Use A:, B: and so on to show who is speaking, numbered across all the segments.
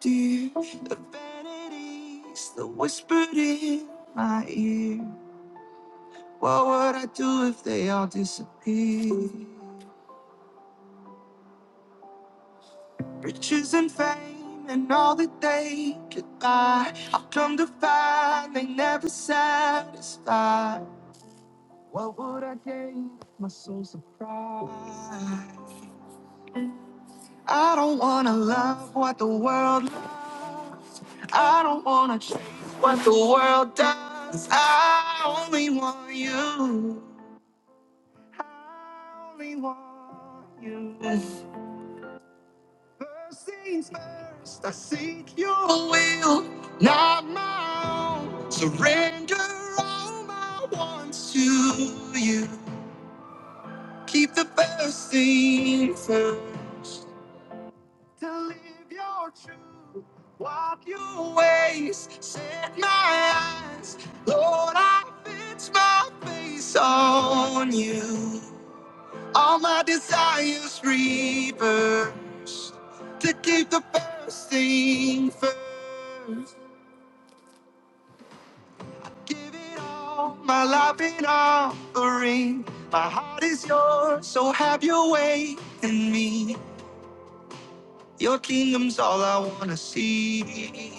A: Dear, the vanities, the whispered in my ear. What would I do if they all disappeared? Riches and fame and all that they could buy. I've come to find they never satisfy. What would I gain? if My soul's a prize. I don't wanna love what the world loves. I don't wanna chase what the world does. I only want you. I only want you. First things first, I seek your will, not my own. Surrender all my wants to you. Keep the first thing first. to live your truth. Walk your ways, set my eyes. Lord, I fix my face on you. All my desires reversed to keep the first thing first. Give it all, my life in offering. My heart is yours, so have your way in me. Your kingdom's all I wanna see.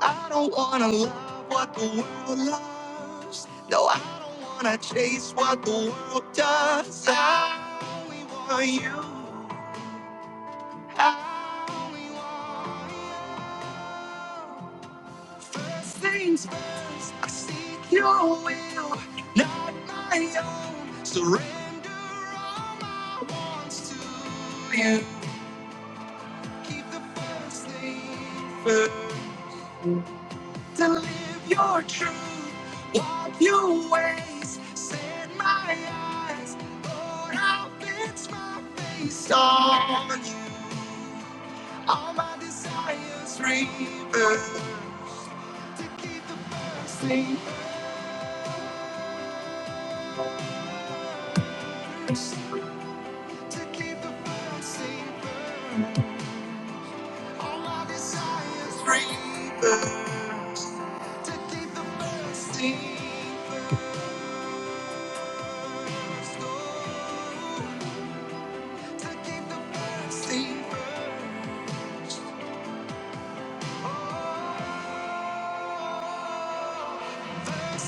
A: I don't wanna love what the world loves. No, I don't wanna chase what the world does. I only want you. I only want you. First things first, I seek your will, not my own. Surrender all my wants to you. Keep the first thing first. to live your truth, walk your ways, set my eyes, Lord, I'll fix my face on you. All my desires reversed, to keep the first thing first, to keep the first thing first. All my desires reversed, to keep the first thing first, Lord. to keep the mercy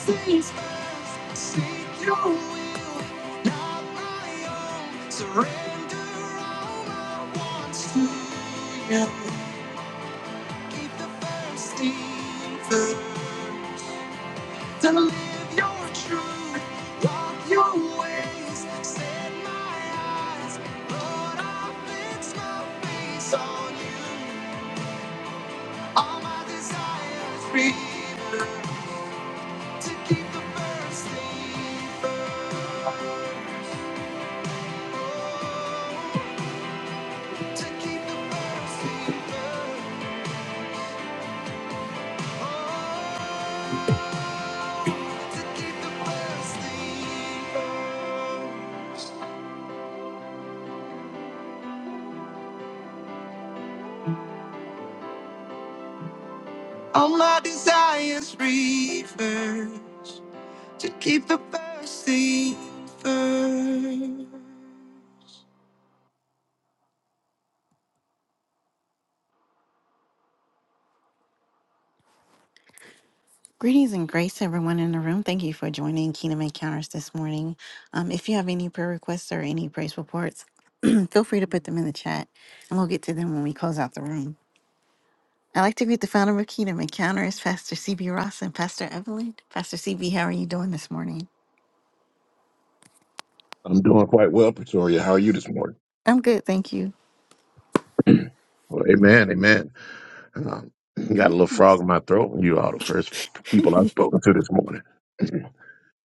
A: Mercy's first. Seek your will, not my own. Surrender all I want to you. Keep the thirsty thirst. To live your truth, walk your ways. Set my eyes, Lord, I fix my face on you. All my desires freedom to keep the bursting, burn, to keep the bursting, burn, oh, to keep the bursting. burn. All my desires reverse to keep the bursting. burn. Greetings and grace, everyone in the room. Thank you for joining Kingdom Encounters this morning. Um, if you have any prayer requests or any praise reports, feel free to put them in the chat and we'll get to them when we close out the room. I'd like to greet the founder of Kingdom Encounters, Pastor CB Ross and Pastor Evelyn. Pastor CB, how are you doing this morning?
B: I'm doing quite well, Pretoria. How are you this morning?
A: I'm good, thank you.
B: Well, amen, amen. Um, got a little frog in my throat. You are the first people I've spoken to this morning.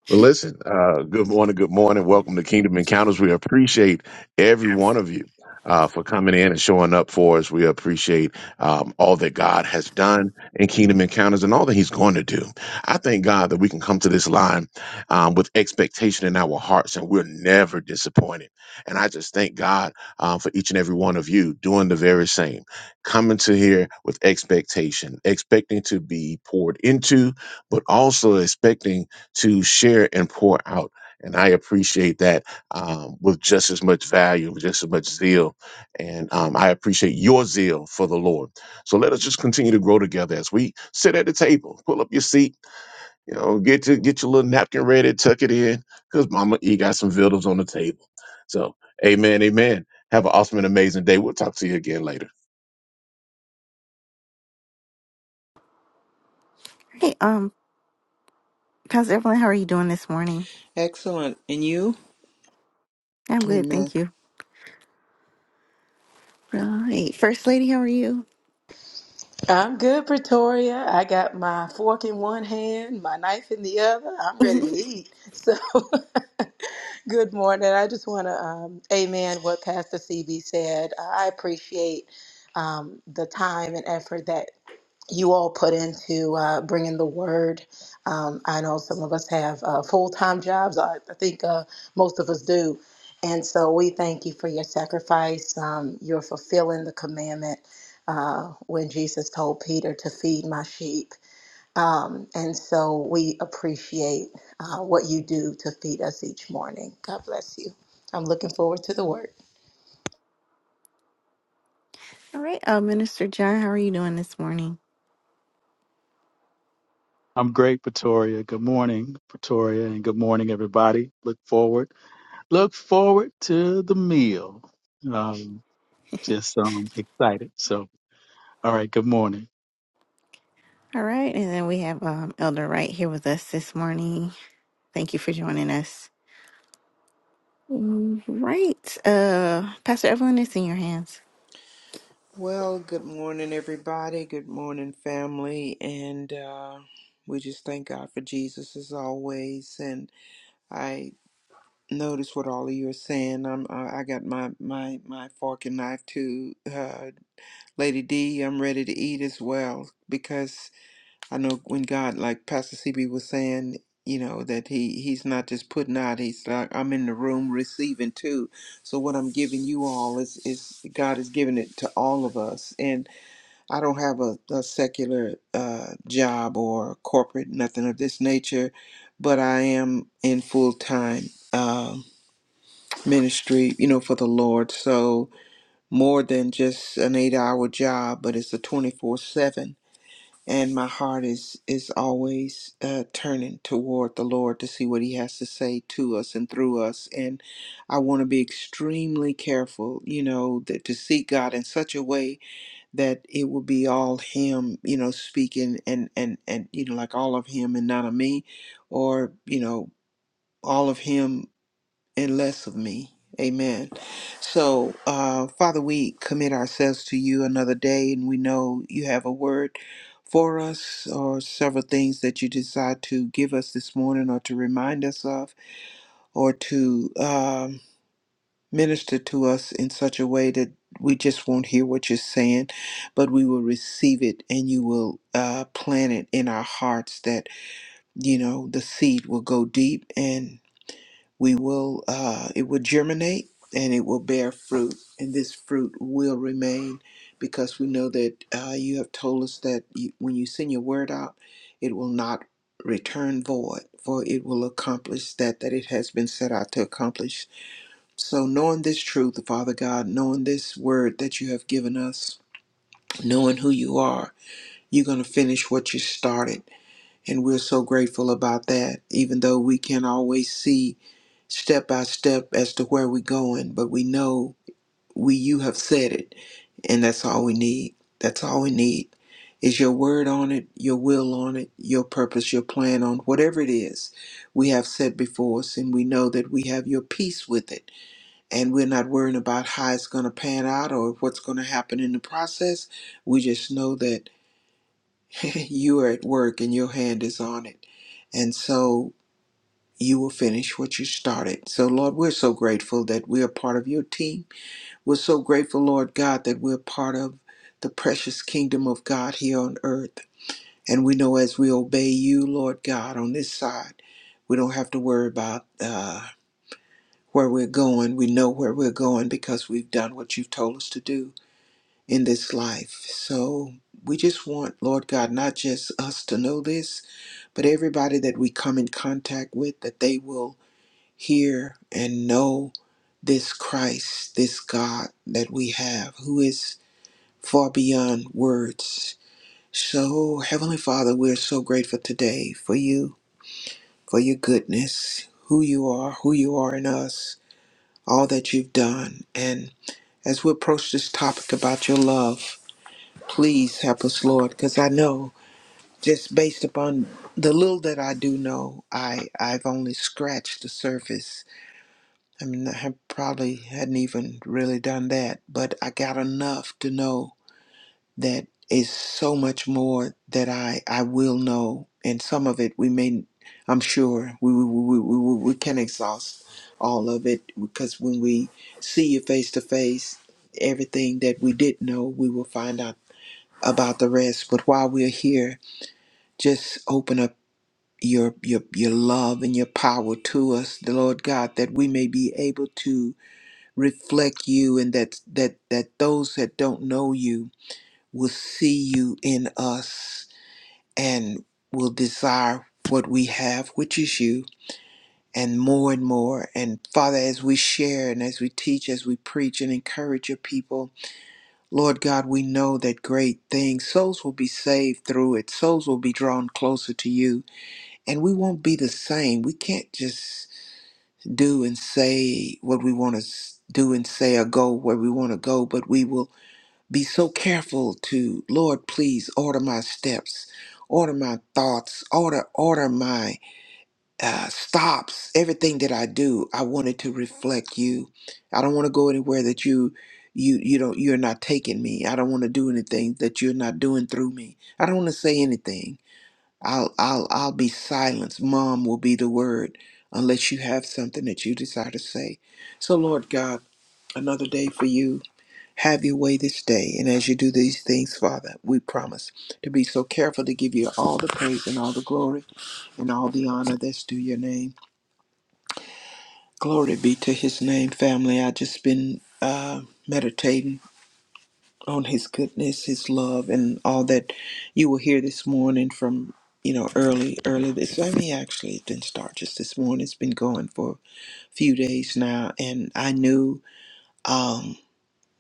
B: Well, listen, uh, good morning, good morning. Welcome to Kingdom Encounters. We appreciate every one of you uh, for coming in and showing up for us. We appreciate um, all that God has done in Kingdom Encounters and all that He's going to do. I thank God that we can come to this line um, with expectation in our hearts and we're never disappointed. And I just thank God uh, for each and every one of you doing the very same, coming to here with expectation, expecting to be poured into, but also expecting to share and pour out. And I appreciate that um, with just as much value, with just as much zeal. And um, I appreciate your zeal for the Lord. So let us just continue to grow together as we sit at the table. Pull up your seat, you know, get to get your little napkin ready, tuck it in, because Mama E got some vittles on the table. So, amen, amen. Have an awesome and amazing day. We'll talk to you again later.
A: Hey, um, Pastor Evelyn, how are you doing this morning?
C: Excellent. And you?
A: I'm good,
C: Amen.
A: thank you. Right, right. First Lady, how are you?
D: I'm good, Pretoria. I got my fork in one hand, my knife in the other. I'm ready to eat. So, good morning. I just want to um, amen what Pastor CB said. I appreciate um, the time and effort that you all put into uh, bringing the word. Um, I know some of us have uh, full time jobs. I, I think uh, most of us do. And so we thank you for your sacrifice. Um, you're fulfilling the commandment uh, when Jesus told Peter to feed my sheep. Um, and so we appreciate uh, what you do to feed us each morning. God bless you. I'm looking forward to the word.
A: All right, uh, Minister John, how are you doing this morning?
E: I'm great, Pretoria. Good morning, Pretoria, and good morning, everybody. Look forward, look forward to the meal. Um, just um, excited. So, all right. Good morning.
A: All right, and then we have um, Elder Wright here with us this morning. Thank you for joining us. Right, uh, Pastor Evelyn, it's in your hands.
C: Well, good morning, everybody. Good morning, family. And uh, we just thank God for Jesus as always. And I notice what all of you are saying. I'm, I I got my, my, my fork and knife too. Uh, Lady D, I'm ready to eat as well because I know when God, like Pastor CB was saying, you know, that he he's not just putting out, he's like, I'm in the room receiving too. So what I'm giving you all is, is God is giving it to all of us. And I don't have a, a secular uh, job or corporate, nothing of this nature, but I am in full time uh, ministry, you know, for the Lord. So more than just an eight hour job, but it's a 24 7 and my heart is is always uh, turning toward the Lord to see what He has to say to us and through us. And I want to be extremely careful, you know, that to seek God in such a way that it will be all Him, you know, speaking and and and you know, like all of Him and none of me, or you know, all of Him and less of me. Amen. So, uh, Father, we commit ourselves to you another day, and we know you have a word for us or several things that you decide to give us this morning or to remind us of or to um, minister to us in such a way that we just won't hear what you're saying, but we will receive it and you will uh, plant it in our hearts that, you know, the seed will go deep and we will uh, it will germinate and it will bear fruit and this fruit will remain because we know that uh, you have told us that you, when you send your word out it will not return void for it will accomplish that that it has been set out to accomplish so knowing this truth father god knowing this word that you have given us knowing who you are you're going to finish what you started and we're so grateful about that, even though we can't always see step by step as to where we're going, but we know we you have said it, and that's all we need. That's all we need is your word on it, your will on it, your purpose, your plan on whatever it is we have set before us, and we know that we have your peace with it, and we're not worrying about how it's going to pan out or what's going to happen in the process. We just know that. you are at work and your hand is on it. And so you will finish what you started. So, Lord, we're so grateful that we are part of your team. We're so grateful, Lord God, that we're part of the precious kingdom of God here on earth. And we know as we obey you, Lord God, on this side, we don't have to worry about uh, where we're going. We know where we're going because we've done what you've told us to do in this life. So, we just want, Lord God, not just us to know this, but everybody that we come in contact with, that they will hear and know this Christ, this God that we have, who is far beyond words. So, Heavenly Father, we're so grateful today for you, for your goodness, who you are, who you are in us, all that you've done. And as we approach this topic about your love, please help us, Lord, because I know. just based upon the little that I do know, I I've only scratched the surface. I mean, I have probably hadn't even really done that, but I got enough to know that is so much more that I I will know, and some of it we may, I'm sure we we we we, we we can exhaust all of it because when we see you face to face, everything that we did not know, we will find out about the rest. But while we're here, just open up your your your love and your power to us, the Lord God, that we may be able to reflect you and that that that those that don't know you will see you in us and will desire what we have, which is you, and more and more. And Father, as we share and as we teach, as we preach and encourage your people, Lord God, we know that great things, souls will be saved through it, souls will be drawn closer to you and we won't be the same. We can't just do and say what we want to do and say or go where we want to go, but we will be so careful to, Lord, please order my steps, order my thoughts, order order my uh, stops. Everything that I do, I want it to reflect you. I don't want to go anywhere that you you you don't you're not taking me. I don't want to do anything that you're not doing through me. I don't want to say anything I'll I'll I'll be silenced. Mom will be the word unless you have something that you desire to say. So Lord God, another day for you. Have your way this day. And as you do these things, Father, we promise to be so careful to give you all the praise and all the glory and all the honor that's due your name. Glory be to his name, family. I just been uh meditating on his goodness, his love, and all that you will hear this morning from, you know, early, early this. I mean, actually, it didn't start just this morning. It's been going for a few days now. And I knew um,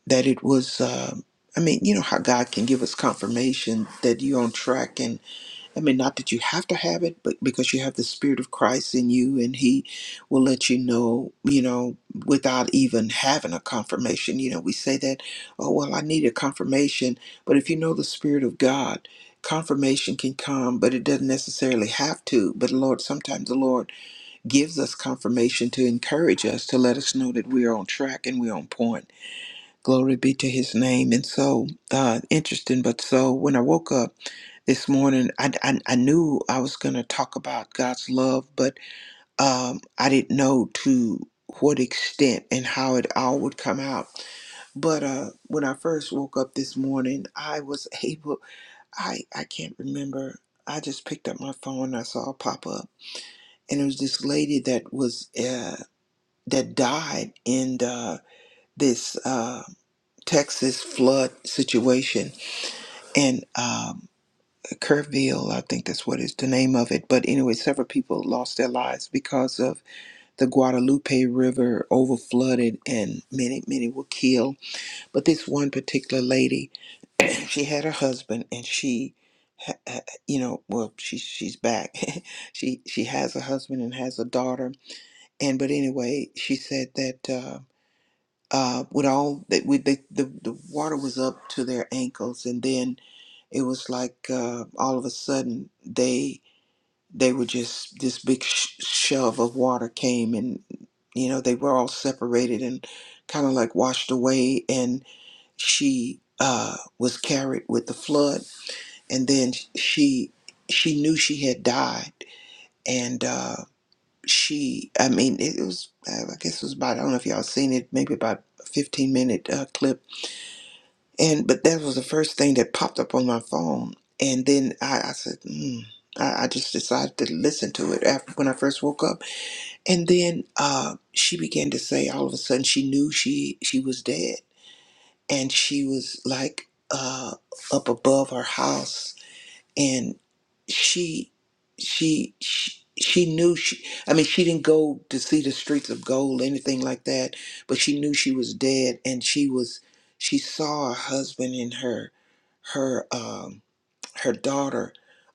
C: that it was, uh, I mean, you know, how God can give us confirmation that you're on track I mean, not that you have to have it, but because you have the Spirit of Christ in you, and He will let you know, you know, without even having a confirmation. You know, we say that, oh, well, I need a confirmation. But if you know the Spirit of God, confirmation can come, but it doesn't necessarily have to. But Lord, sometimes the Lord gives us confirmation to encourage us, to let us know that we're on track and we're on point. Glory be to His name. And so, uh, interesting, but so when I woke up, this morning. I, I, I knew I was going to talk about God's love, but um, I didn't know to what extent and how it all would come out. But uh, when I first woke up this morning, I was able, I, I can't remember. I just picked up my phone. and I saw it pop up. And it was this lady that was, uh, that died in the, this uh, Texas flood situation. And, um, Kerrville, I think that's what is the name of it. But anyway, several people lost their lives because of the Guadalupe River over flooded, and many, many were killed. But this one particular lady, she had her husband, and she, ha- ha- you know, well, she she's back. she she has a husband and has a daughter. And but anyway, she said that. Uh, uh, with all that, with the, the the water was up to their ankles, and then it was like uh, all of a sudden they they were just this big sh- shove of water came and you know they were all separated and kind of like washed away and she uh, was carried with the flood and then she she knew she had died and uh, she i mean it was uh, i guess it was about i don't know if y'all seen it maybe about a 15 minute uh, clip and but that was the first thing that popped up on my phone and then i, I said mm, I, I just decided to listen to it after when i first woke up and then uh, she began to say all of a sudden she knew she she was dead, and she was like uh, up above her house, and she she she, she knew she. I mean, she didn't go to see the streets of gold, anything like that, but she knew she was dead, and she was she saw her husband and her her. Um, her daughter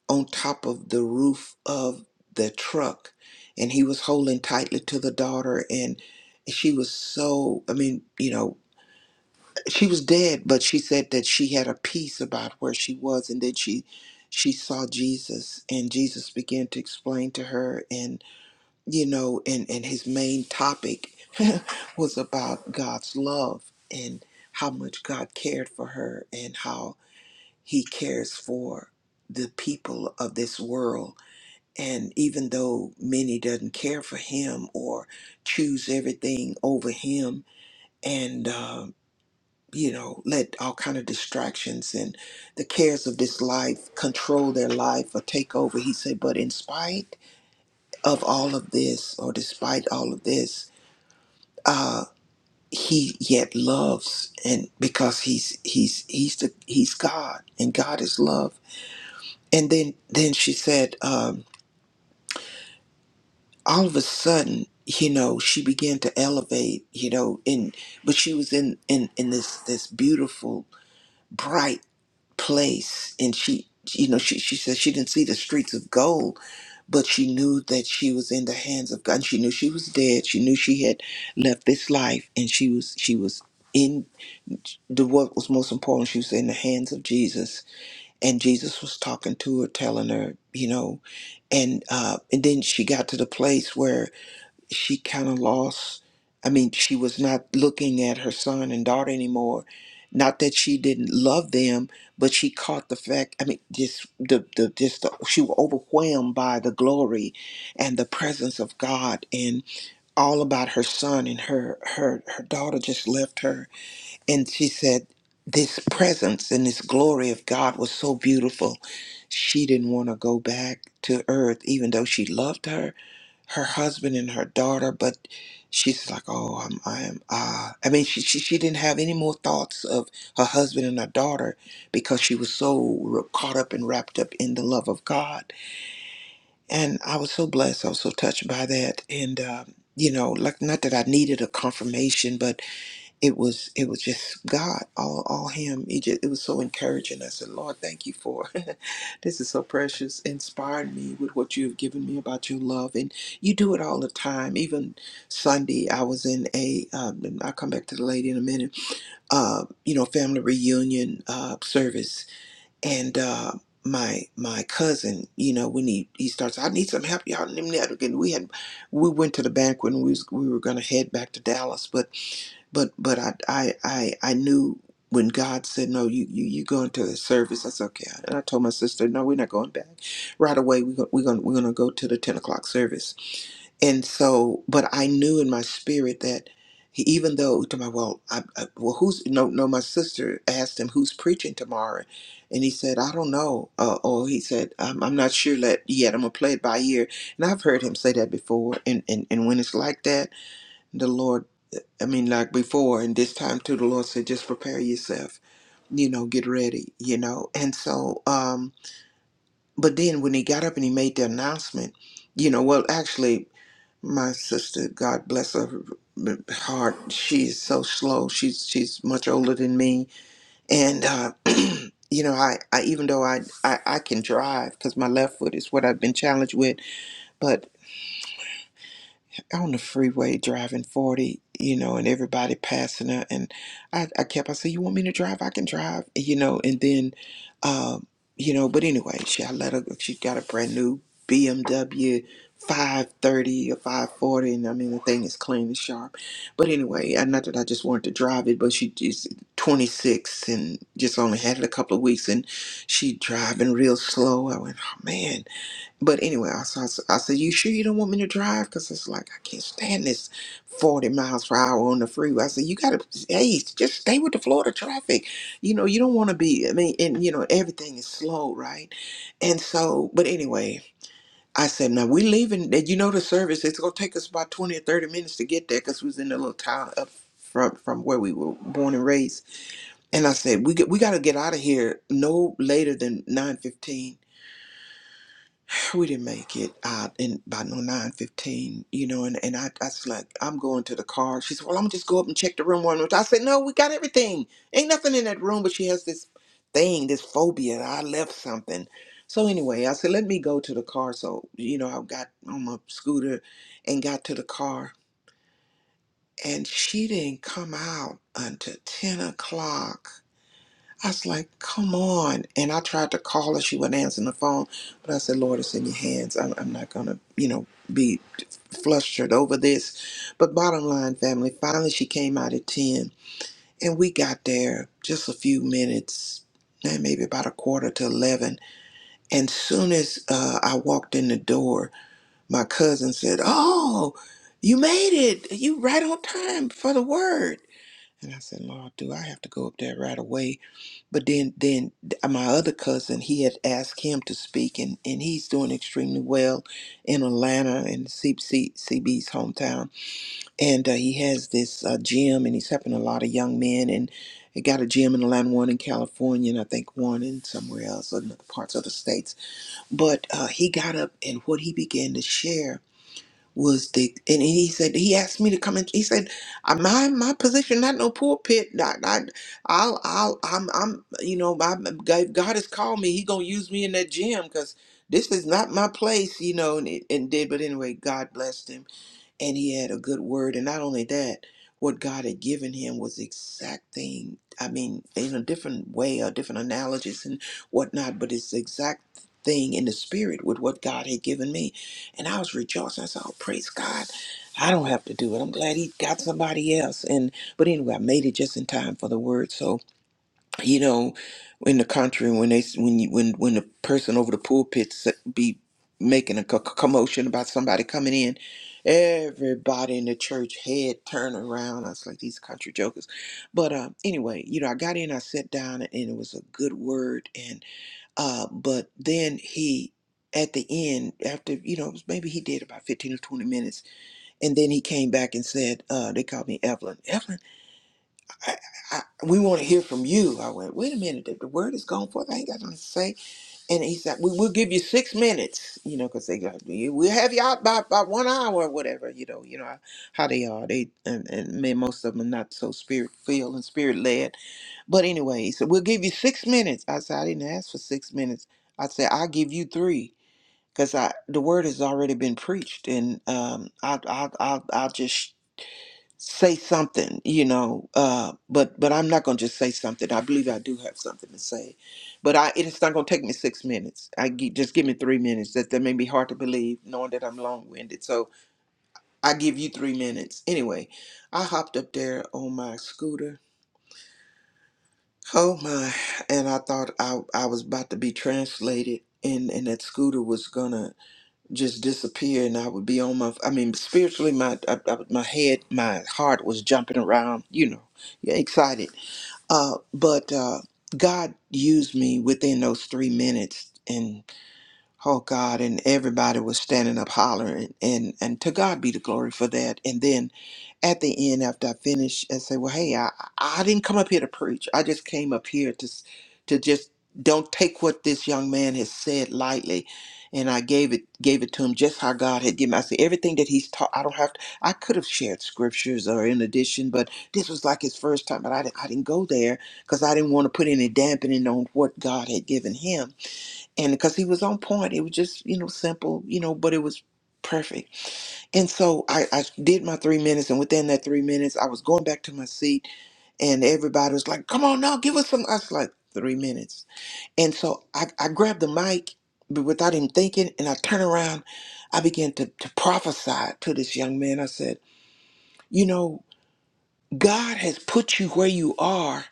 C: on top of the roof of the truck and he was holding tightly to the daughter and she was so i mean you know she was dead but she said that she had a peace about where she was and then she she saw jesus and jesus began to explain to her and you know and and his main topic was about god's love and how much god cared for her and how he cares for the people of this world. And even though many doesn't care for him or choose everything over him and, um, you know, let all kind of distractions and the cares of this life control their life or take over, he said, but in spite of all of this or despite all of this, uh, he yet loves and because he's he's he's the he's God and God is love and then then she said um, all of a sudden you know she began to elevate you know and but she was in in in this this beautiful bright place and she you know she she said she didn't see the streets of gold but she knew that she was in the hands of god and she knew she was dead she knew she had left this life and she was she was in the what was most important she was in the hands of jesus and Jesus was talking to her, telling her, you know, and uh, and then she got to the place where she kind of lost. I mean, she was not looking at her son and daughter anymore. Not that she didn't love them, but she caught the fact. I mean, just the the just the, she was overwhelmed by the glory and the presence of God, and all about her son and her her her daughter just left her and she said this presence and this glory of God was so beautiful. She didn't want to go back to earth, even though she loved her, her husband and her daughter. But she's like, oh, I'm, I am. Ah, I mean, she, she she didn't have any more thoughts of her husband and her daughter because she was so caught up and wrapped up in the love of God. And I was so blessed. I was so touched by that. And um, you know, like not that I needed a confirmation, but it was it was just God, all all Him. It just, it was so encouraging. I said, Lord, thank you for this is so precious. Inspired me with what you have given me about your love, and you do it all the time. Even Sunday, I was in a um, and I'll come back to the lady in a minute. Uh, you know, family reunion uh, service, and uh, my my cousin, you know, when he he starts, I need some help, y'all. And we had we went to the banquet, and we was, we were gonna head back to Dallas, but but but I I I, I knew when God said no, you you you going to the service. I said okay, and I told my sister no, we're not going back right away. We go, we're gonna we're gonna go to the ten o'clock service. And so, but I knew in my spirit that he, even though to my well, I, I, well who's no no my sister asked him who's preaching tomorrow, and he said I don't know. Uh, or he said I'm, I'm not sure let, yet. I'm gonna play it by ear. And I've heard him say that before. And and and when it's like that. the Lord. I mean, like before, and this time too, the Lord said, just prepare yourself, you know, get ready, you know. And so, um, but then when he got up and he made the announcement, you know, well, actually, my sister, God bless her heart, she is so slow. She's she's much older than me, and uh, you know, I, I even though I I, I can drive because my left foot is what I've been challenged with, on the freeway driving 40, you know, and everybody passing her. And I, I kept, I said, You want me to drive? I can drive, you know. And then, um, you know, but anyway, she, I let her, she got a brand new BMW 530 or 540. And I mean, the thing is clean and sharp. But anyway, I, not that I just wanted to drive it, but she is 26 and just only had it a couple of weeks and she driving real slow. I went, Oh man, but anyway, I, s- I, s- I said, You sure you don't want me to drive? Because it's like, I can't stand this 40 miles per hour on the freeway. I said, You got to, hey, just stay with the Florida traffic. You know, you don't want to be, I mean, and, you know, everything is slow, right? And so, but anyway, I said, Now we're leaving. Did You know, the service, it's going to take us about 20 or 30 minutes to get there because we was in the little town up from, from where we were born and raised. And I said, We, get- we got to get out of here no later than 9:15." we didn't make it uh, in by no nine fifteen, you know, and, and I, I was like, I'm going to the car. She said, Well, I'm gonna just go up and check the room one more time. I said, No, we got everything. Ain't nothing in that room, but she has this thing, this phobia. that I left something. So anyway, I said, Let me go to the car. So, you know, I got on my scooter and got to the car and she didn't come out until ten o'clock. I was like, come on. And I tried to call her. She wasn't answering the phone. But I said, Lord, it's in your hands. I'm, I'm not going to, you know, be flustered over this. But bottom line, family, finally she came out at 10. And we got there just a few minutes, man, maybe about a quarter to 11. And soon as uh, I walked in the door, my cousin said, oh, you made it. You right on time for the word. And I said, Lord, do I have to go up there right away? But then, then th- my other cousin, he had asked him to speak, and, and he's doing extremely well in Atlanta and C C CB's hometown. And uh, he has this uh, gym, and he's helping a lot of young men. And he got a gym in Atlanta, one in California, and I think one in somewhere else, in other parts of the states. But uh, he got up, and what he began to share was the and he said he asked me to come in. He said "Uh, my my position not no pulpit. I, I I'll I'll I'm I'm you know my God God has called me. He gonna use me in that gym because this is not my place. You know and it, and did but anyway God blessed him and he had a good word. And not only that, what God had given him was the exact thing. I mean, in a different way or different analogies and whatnot, but it's the exact thing in the spirit with what God had given me. And I was rejoicing. I said, Oh, praise God. I don't have to do it. I'm glad he got somebody else. And but anyway, I made it just in time for the word. So you know, in the country when they when you when when the person over the pulpit s- be making a co- co- commotion about somebody coming in, everybody in the church head turn around. I was like these country jokers, but uh, anyway, you know, I got in, I sat down, and it was a good word, and uh, but then he. At the end, after you know, maybe he did about fifteen or twenty minutes, and then he came back and said, uh, "They called me Evelyn. Evelyn, I, I, we want to hear from you. I went, wait a minute, the, the word is gone forth. I ain't got nothing to say. And he said, we, we'll give you six minutes, you know, because they got, we'll have you out by, by one hour or whatever, you know, you know how they are. They, and, and man, most of them are not so spirit filled and spirit led. But anyway, he said, we'll give you six minutes. I said, I didn't ask for six minutes. I said, I'll give you three. Because I, the word has already been preached, and um, I, I, I, I'll just say something, you know. Uh, but but I'm not gonna just say something. I believe I do have something to say, but I it's not gonna take me six minutes. I gi- just give me three minutes. That that may be hard to believe, knowing that I'm long winded. So I give you three minutes. Anyway, I hopped up there on my scooter. Oh my! And I thought I I was about to be translated, and and that scooter was gonna just disappear and I would be on my I mean spiritually my I, I, my head my heart was jumping around you know yeah, excited uh but uh God used me within those 3 minutes Oh God, and everybody was standing up hollering, and and to God be the glory for that. And then at the end, after I finished, I say, well, hey, I I didn't come up here to preach. I just came up here to s- to just don't take what this young man has said lightly. And I gave it gave it to him just how God had given. me. I said everything that he's taught. I don't have to. I could have shared scriptures or in addition, but this was like his first time. But I didn't, I didn't go there because I didn't want to put any dampening on what God had given him and because he was on point it was just you know simple you know but it was perfect and so I, I did my three minutes and within that three minutes i was going back to my seat and everybody was like come on now give us some i was like three minutes and so i, I grabbed the mic but without even thinking and i turned around i began to, to prophesy to this young man i said you know god has put you where you are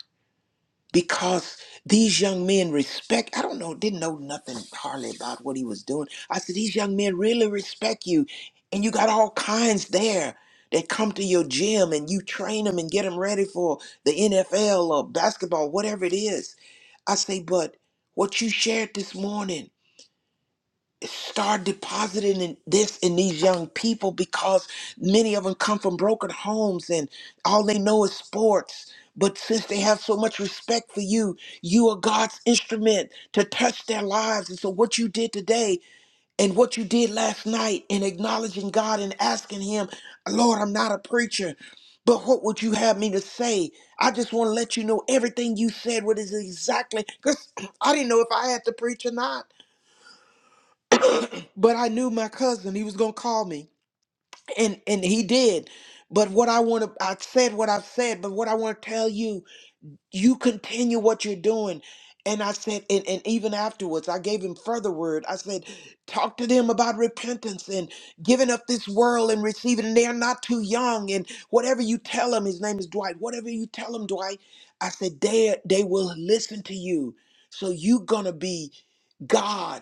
C: because these young men respect i don't know didn't know nothing hardly about what he was doing i said these young men really respect you and you got all kinds there that come to your gym and you train them and get them ready for the nfl or basketball whatever it is i say but what you shared this morning start depositing in this in these young people because many of them come from broken homes and all they know is sports but since they have so much respect for you you are god's instrument to touch their lives and so what you did today and what you did last night in acknowledging god and asking him lord i'm not a preacher but what would you have me to say? I just want to let you know everything you said, what is exactly, because I didn't know if I had to preach or not but I knew my cousin he was gonna call me, and and he did. But what I want to, I said what I've said. But what I want to tell you, you continue what you're doing. And I said, and, and even afterwards, I gave him further word. I said, talk to them about repentance and giving up this world and receiving. And they're not too young. And whatever you tell them, his name is Dwight. Whatever you tell them, Dwight, I said, they they will listen to you. So you're gonna be God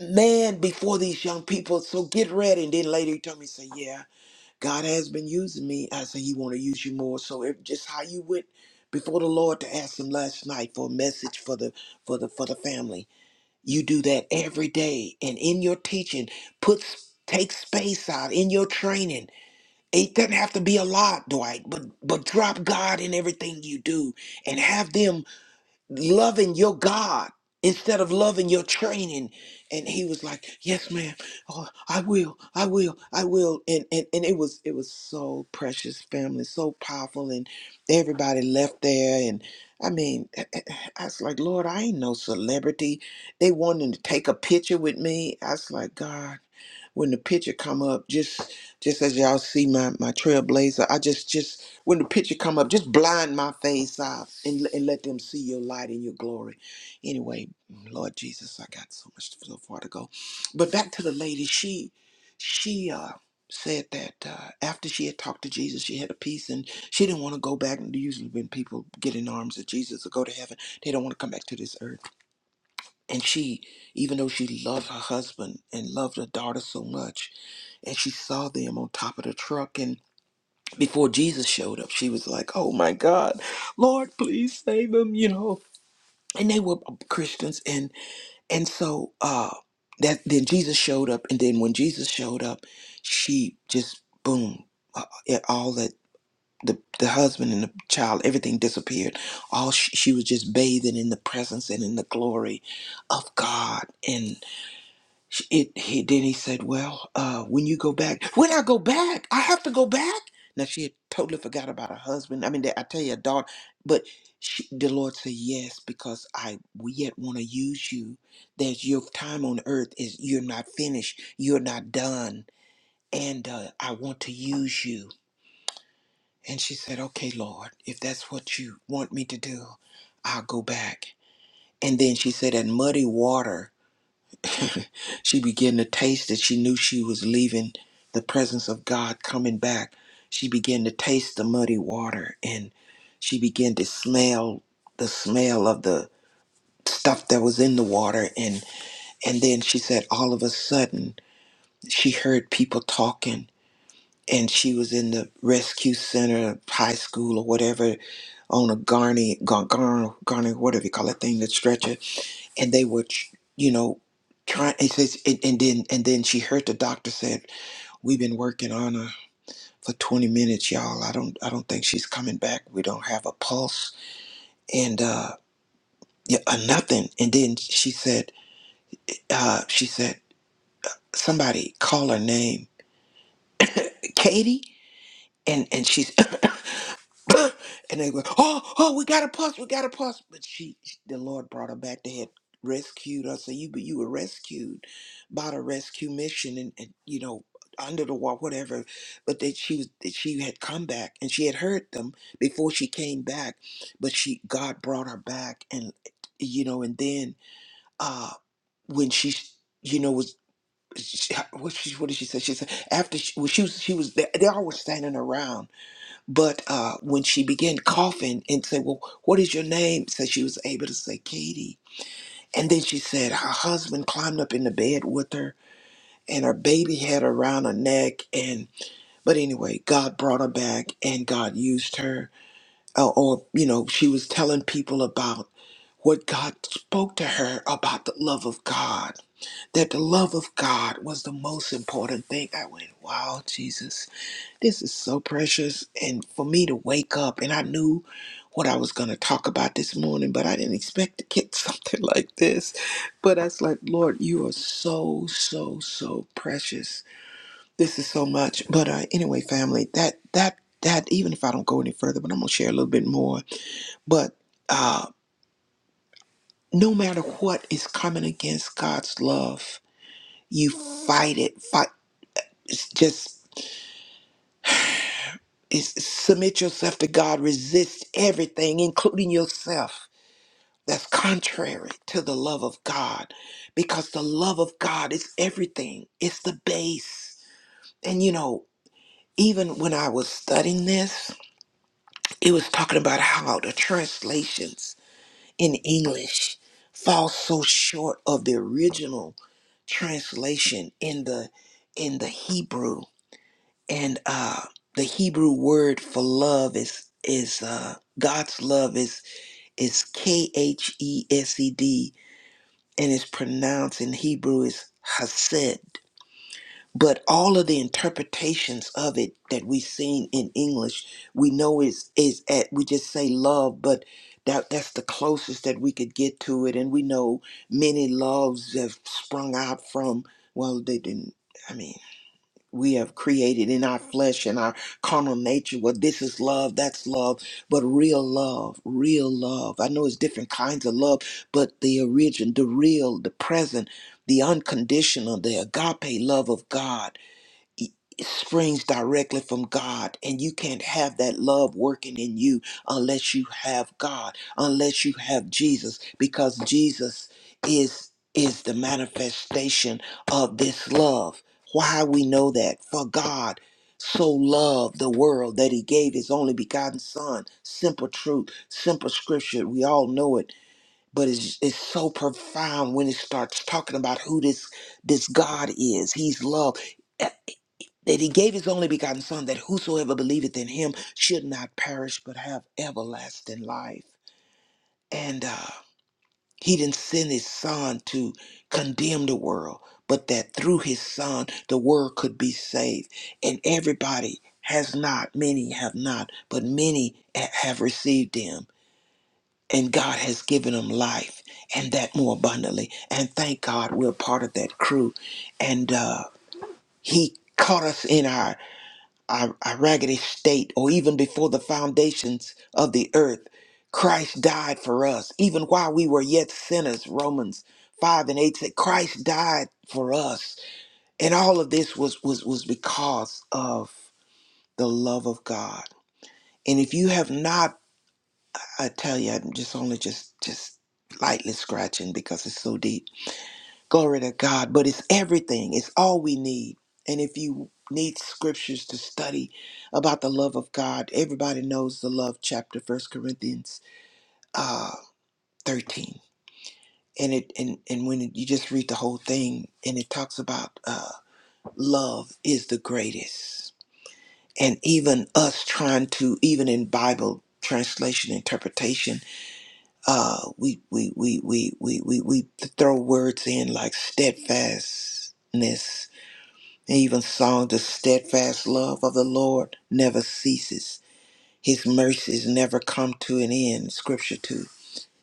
C: man before these young people. So get ready. And then later he told me, say, yeah, God has been using me. I said, he want to use you more. So if just how you went before the Lord to ask him last night for a message for the for the for the family. You do that every day. And in your teaching, put take space out in your training. It doesn't have to be a lot, Dwight, but but drop God in everything you do and have them loving your God instead of loving your training. And he was like, Yes, ma'am. Oh, I will, I will, I will. And and, and it was it was so precious, family, so powerful. And everybody left there. And I mean, I I was like, Lord, I ain't no celebrity. They wanted to take a picture with me. I was like, God when the picture come up just just as y'all see my my trailblazer i just just when the picture come up just blind my face out and, and let them see your light and your glory anyway lord jesus i got so much so far to go but back to the lady she she uh said that uh, after she had talked to jesus she had a peace and she didn't want to go back and usually when people get in arms of jesus or go to heaven they don't want to come back to this earth and she even though she loved her husband and loved her daughter so much and she saw them on top of the truck and before Jesus showed up she was like oh my god lord please save them you know and they were Christians and and so uh that then Jesus showed up and then when Jesus showed up she just boom uh, uh, it, all that the, the husband and the child everything disappeared all she, she was just bathing in the presence and in the glory of God and. It, he, then he said, Well, uh, when you go back, when I go back, I have to go back. Now, she had totally forgot about her husband. I mean, that- I tell you, a daughter, but she, the Lord said, Yes, because I we yet want to use you. That your time on earth is you're not finished, you're not done, and uh, I want to use you. And she said, Okay, Lord, if that's what you want me to do, I'll go back. And then she said, And muddy water. She began to taste that she knew she was leaving the presence of God coming back. She began to taste the muddy water and she began to smell the smell of the stuff that was in the water and and then she said all of a sudden she heard people talking and she was in the rescue center high school or whatever on a garney gar, gar, garney whatever you call that thing that stretcher and they were, tr- you know, trying. It says, and, and then and then she heard the doctor said, "We've been working on her for 20 minutes, y'all. I don't, I don't think she's coming back. We don't have a pulse and uh, yeah, uh nothing." And then she said, uh, "She said somebody call her name, Katie." And and she's and they were, oh, oh, we got a pulse, we got a pulse. But she, the Lord brought her back. They had rescued her. So you, you were rescued by the rescue mission, and, and you know, under the wall, whatever. But that she was, that she had come back, and she had heard them before she came back. But she, God brought her back, and you know, and then uh when she, you know, was. She, what she what did she say? She said after she, well, she was she was they, they all were standing around but uh, when she began coughing and said, Well, what is your name? So she was able to say Katie. And then she said her husband climbed up in the bed with her and her baby had around her neck. And but anyway, God brought her back and God used her. Uh, or, you know, she was telling people about what God spoke to her about the love of God, that the love of God was the most important thing. I went, Wow, Jesus this is so precious. And for me to wake up, and I knew what I was going to talk about this morning, but I didn't expect to get something like this. But I was like, Lord, you are so, so, so precious. This is so much. But uh, anyway, family, that, that, that, even if I don't go any further, but I'm going to share a little bit more. But uh, no matter what is coming against God's love, you fight it. Fight. It's just is submit yourself to God, resist everything, including yourself, that's contrary to the love of God. Because the love of God is everything, it's the base. And you know, even when I was studying this, it was talking about how the translations in English fall so short of the original translation in the in the Hebrew and uh the Hebrew word for love is is uh God's love is is K H E S E D and it's pronounced in Hebrew is Hased. But all of the interpretations of it that we've seen in English, we know is is at we just say love, but that that's the closest that we could get to it. And we know many loves have sprung out from well, they didn't. I mean we have created in our flesh and our carnal nature. Well, this is love, that's love, but real love, real love. I know it's different kinds of love, but the origin, the real, the present, the unconditional, the agape love of God springs directly from God, and you can't have that love working in you unless you have God, unless you have Jesus, because Jesus is is the manifestation of this love. Why we know that? For God so loved the world that he gave his only begotten son. Simple truth, simple scripture. We all know it, but it's it's so profound when it starts talking about who this this God is. He's love that he gave his only begotten son that whosoever believeth in him should not perish but have everlasting life and uh, he didn't send his son to condemn the world but that through his son the world could be saved and everybody has not many have not but many ha- have received him and god has given them life and that more abundantly and thank god we're part of that crew and uh, he caught us in our our, our raggedy state, or even before the foundations of the earth, Christ died for us. Even while we were yet sinners, Romans 5 and 8 said, Christ died for us. And all of this was, was, was because of the love of God. And if you have not, I tell you, I'm just only just just lightly scratching because it's so deep Glory to God. But it's everything, it's all we need. And if you need scriptures to study about the love of God, everybody knows the love chapter, First Corinthians uh, 13. And it and, and when you just read the whole thing, and it talks about uh, love is the greatest. And even us trying to, even in Bible translation interpretation, uh, we, we, we, we, we, we, we throw words in like steadfastness And even song, the steadfast love of the Lord never ceases. His mercies never come to an end. Scripture 2.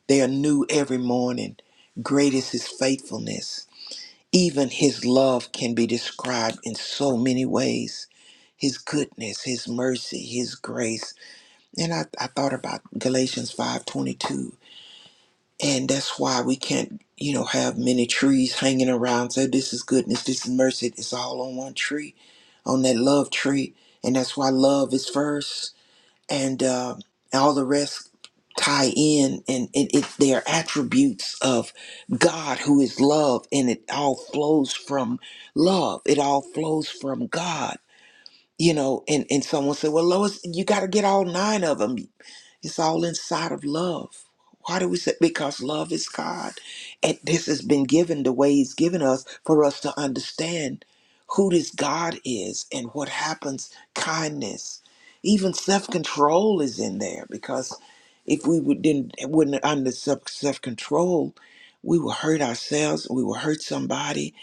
C: They are new every morning. Great is his faithfulness. Even his love can be described in so many ways. His goodness, his mercy, his grace. And I, I thought about Galatians 5.22. And that's why we can't, you know, have many trees hanging around. Say, this is goodness, this is mercy. It's all on one tree, on that love tree. And that's why love is first. And uh, all the rest tie in. And it, it, they are attributes of God, who is love. And it all flows from love, it all flows from God. You know, and, and someone said, Well, Lois, you got to get all nine of them. It's all inside of love. Why do we say? Because love is God. And this has been given the way He's given us for us to understand who this God is and what happens. Kindness, even self control is in there because if we would, didn't wouldn't under self control, we will hurt ourselves. We will hurt somebody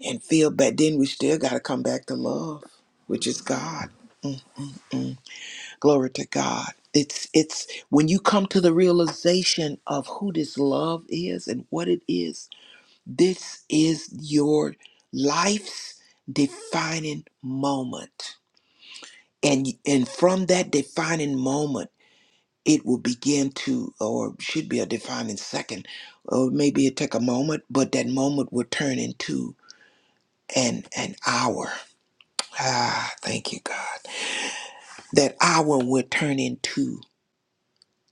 C: and feel bad. Then we still got to come back to love, which is God. Mm. Glory to God. It's it's when you come to the realization of who this love is and what it is, this is your life's defining moment. And and from that defining moment, it will begin to or should be a defining second. Or maybe it take a moment, but that moment will turn into an an hour. Ah, thank you, God. That hour will turn into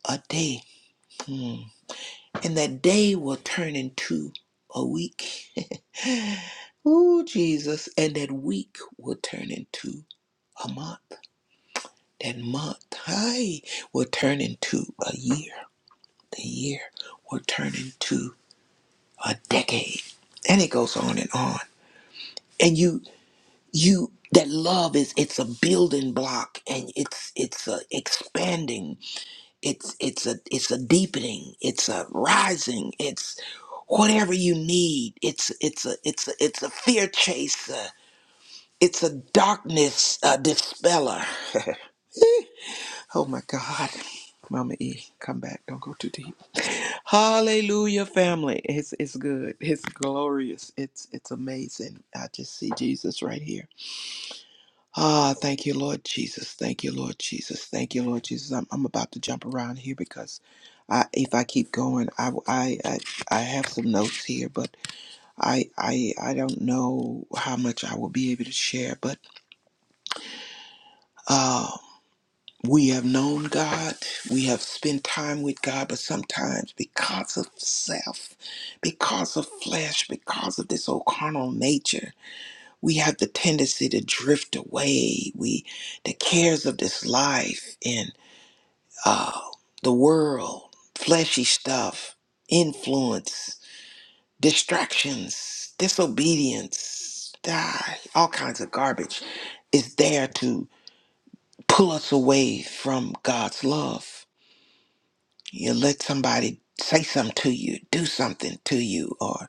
C: a day. Hmm. and that day will turn into a week. Ooh, Jesus. And that week will turn into a month. That month, hi, will turn into a year. The year will turn into a decade. And it goes on and on. And you, you, that love is, it's a building block and it's, it's a expanding. It's it's a it's a deepening. It's a rising. It's whatever you need. It's it's a it's a it's a fear chaser. It's a darkness uh, dispeller. Oh my God, Mama E, come back. Don't go too deep. Hallelujah, family. It's it's good. It's glorious. It's it's amazing. I just see Jesus right here. Ah, thank you, Lord Jesus. Thank you, Lord Jesus. Thank you, Lord Jesus. I'm, I'm about to jump around here because I, if I keep going, I, I, I, I have some notes here, but I, I, I don't know how much I will be able to share. But uh, we have known God. We have spent time with God, but sometimes because of self, because of flesh, because of this old carnal nature, we have the tendency to drift away. We, the cares of this life and uh, the world, fleshy stuff, influence, distractions, disobedience, ah, all kinds of garbage is there to pull us away from God's love. You let somebody say something to you, do something to you, or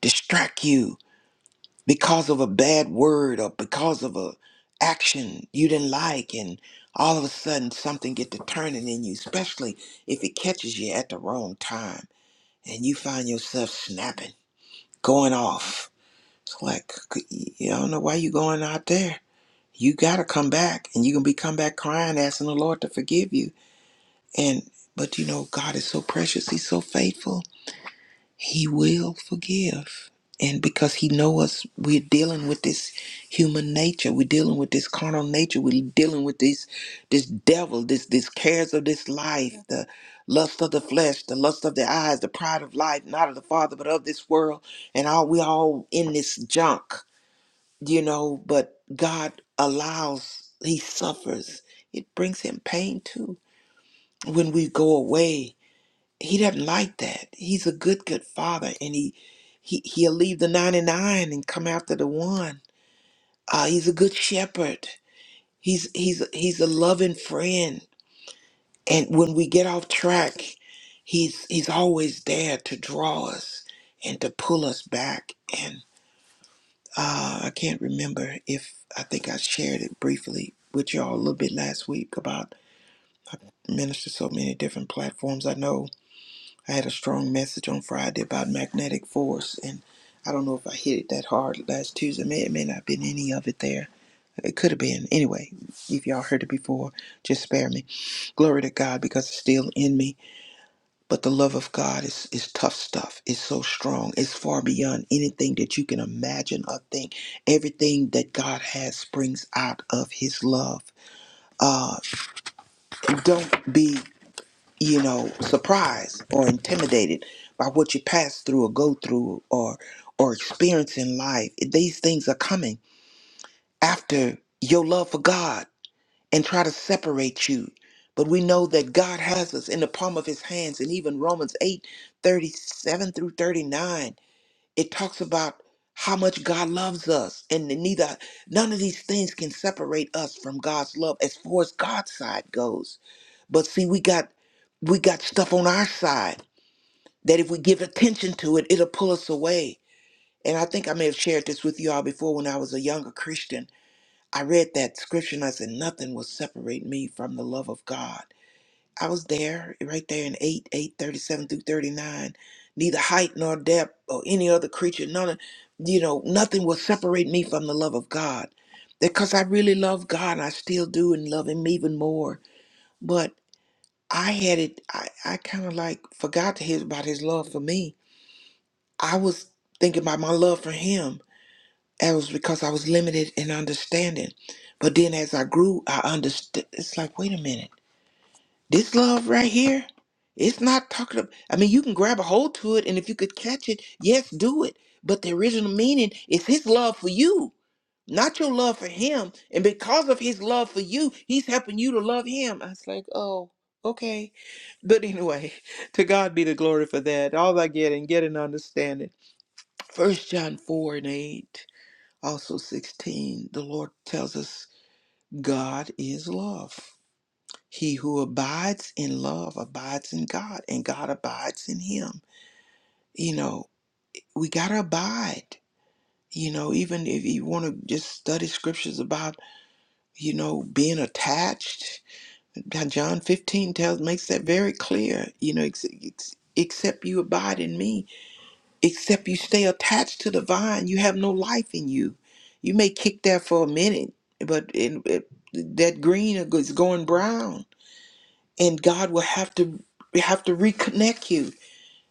C: distract you because of a bad word or because of a action you didn't like and all of a sudden something get to turning in you especially if it catches you at the wrong time and you find yourself snapping going off it's like c- you don't know why you going out there you gotta come back and you can be come back crying asking the lord to forgive you and but you know god is so precious he's so faithful he will forgive. And because he know us, we're dealing with this human nature. We're dealing with this carnal nature. We're dealing with this this devil, this this cares of this life, the lust of the flesh, the lust of the eyes, the pride of life, not of the Father, but of this world. And all we all in this junk, you know, but God allows, he suffers. It brings him pain too. When we go away he doesn't like that. He's a good, good father, and he he he'll leave the ninety nine and come after the one. Uh, he's a good shepherd. He's he's he's a loving friend. And when we get off track, he's he's always there to draw us and to pull us back. And uh, I can't remember if I think I shared it briefly with y'all a little bit last week about minister so many different platforms. I know I had a strong message on Friday about magnetic force, and I don't know if I hit it that hard last Tuesday. May it may not have been any of it there. It could have been. Anyway, if y'all heard it before, just spare me. Glory to God because it's still in me. But the love of God is is tough stuff. It's so strong. It's far beyond anything that you can imagine or think. Everything that God has springs out of His love. Uh, don't be. you know, surprised or intimidated by what you pass through or go through or or experience in life. These things are coming after your love for God and try to separate you. But we know that God has us in the palm of his hands. And even Romans 8 37 through 39, it talks about how much God loves us. And neither none of these things can separate us from God's love as far as God's side goes but see, we got we got stuff on our side that if we give attention to it, it'll pull us away. And I think I may have shared this with you all before when I was a younger Christian. I read that scripture and I said, Nothing will separate me from the love of God. I was there, right there in 8, 8 37 through 39. Neither height nor depth or any other creature, none, you know, nothing will separate me from the love of God. Because I really love God and I still do and love Him even more. I had it, I, I kind of like forgot his, about his love for me. I was thinking about my love for him. That was because I was limited in understanding. But then as I grew, I understood. It's like, wait a minute, this love right here, it's not talking about, I mean, you can grab a hold to it, and if you could catch it, yes, do it. But the original meaning is his love for you not your love for him. And because of his love for you, he's helping you to love him. I was like, oh, okay. But anyway, to God be the glory for that. All I get and get an understanding. First John 4 and 8, also 16, the Lord tells us God is love. He who abides in love abides in God, and God abides in him. You know, we got to abide. You know, even if you want to just study scriptures about you know, being attached. John 15 tells makes that very clear. You know, ex- ex- except you abide in me, except you stay attached to the vine, you have no life in you. You may kick that for a minute, but in, it, that green is going brown, and God will have to have to reconnect you.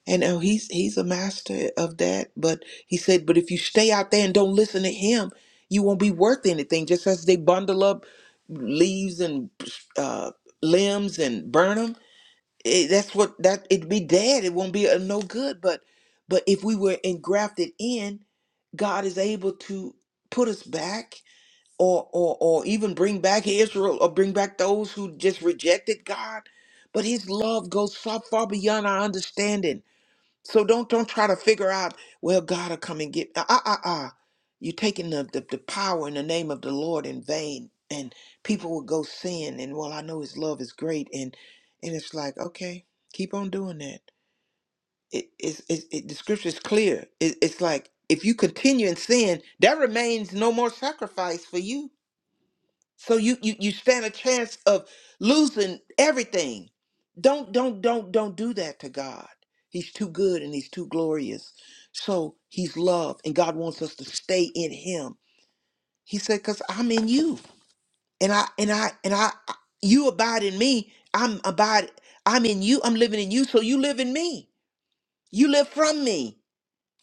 C: And oh, he's he's a master of that. But he said, but if you stay out there and don't listen to him, you won't be worth anything. Just as they bundle up leaves and uh, limbs and burn them, it, that's what that it'd be dead. It won't be a no good. But but if we were engrafted in, God is able to put us back, or or or even bring back Israel, or bring back those who just rejected God. But His love goes so far beyond our understanding so don't don't try to figure out, well, God will come and get uh uh uh. uh. You're taking the, the, the power in the name of the Lord in vain. And people will go sin and well, I know his love is great and and it's like, okay, keep on doing that. It is it, it, the scripture is clear. It, it's like if you continue in sin, there remains no more sacrifice for you. So you you you stand a chance of losing everything. Don't don't don't don't do that to God. He's too good and he's too glorious. So he's love and God wants us to stay in him. He said cuz I'm in you and I and I and I you abide in me. I'm abide I'm in you. I'm living in you so you live in me. You live from me.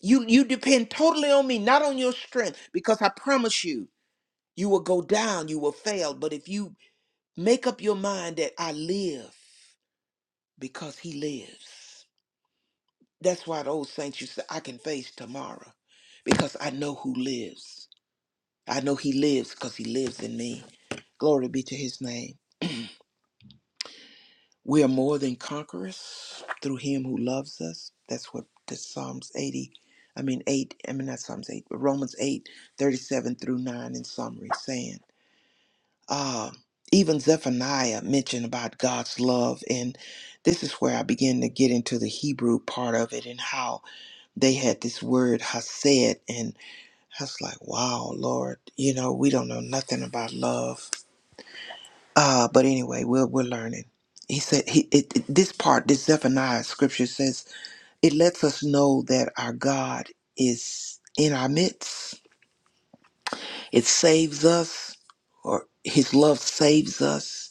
C: You you depend totally on me, not on your strength because I promise you you will go down, you will fail, but if you Make up your mind that I live because he lives. That's why the old saints used to say, I can face tomorrow because I know who lives. I know he lives because he lives in me. Glory be to his name. We are more than conquerors through him who loves us. That's what the Psalms 80, I mean 8, I mean not Psalms 8, but Romans 8, 37 through 9 in summary saying. uh, even Zephaniah mentioned about God's love. And this is where I begin to get into the Hebrew part of it and how they had this word hased. And I was like, wow, Lord, you know, we don't know nothing about love. Uh, but anyway, we're, we're learning. He said, he, it, it- this part, this Zephaniah scripture says, it lets us know that our God is in our midst. It saves us, or his love saves us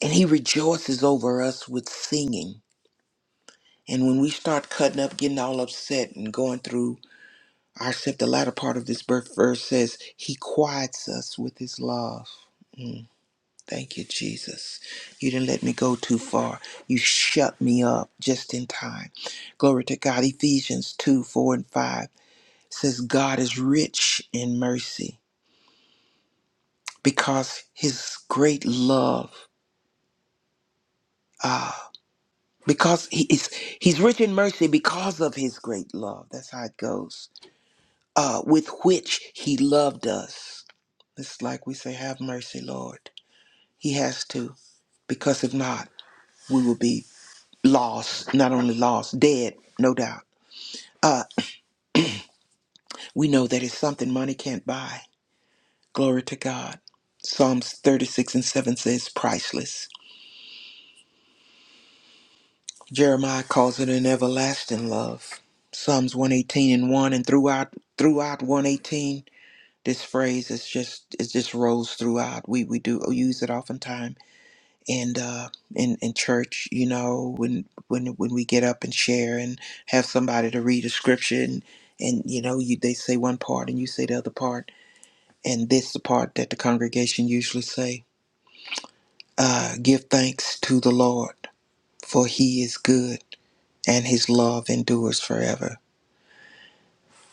C: And he rejoices over us with singing. And when we start cutting up, getting all upset, and going through our the latter part of this birth verse says, He quiets us with His love. Mm, thank you, Jesus. You didn't let me go too far. You shut me up just in time. Glory to God. Ephesians 2 4 and 5 says, God is rich in mercy because His great love. ah, because he is he's rich in mercy because of his great love that's how it goes uh with which he loved us it's like we say have mercy lord he has to because if not we will be lost not only lost dead no doubt uh we know that it's something money can't buy glory to god psalms 36 and 7 says priceless jeremiah calls it an everlasting love psalms 118 and 1 and throughout throughout 118 This phrase is just it just rolls throughout. We we do use it oftentimes and uh, in in church. You know when when when we get up and share and have somebody to read a scripture and, and you know you they say one part and you say the other part and this the part that the congregation usually say. Uh, give thanks to the Lord for He is good and His love endures forever.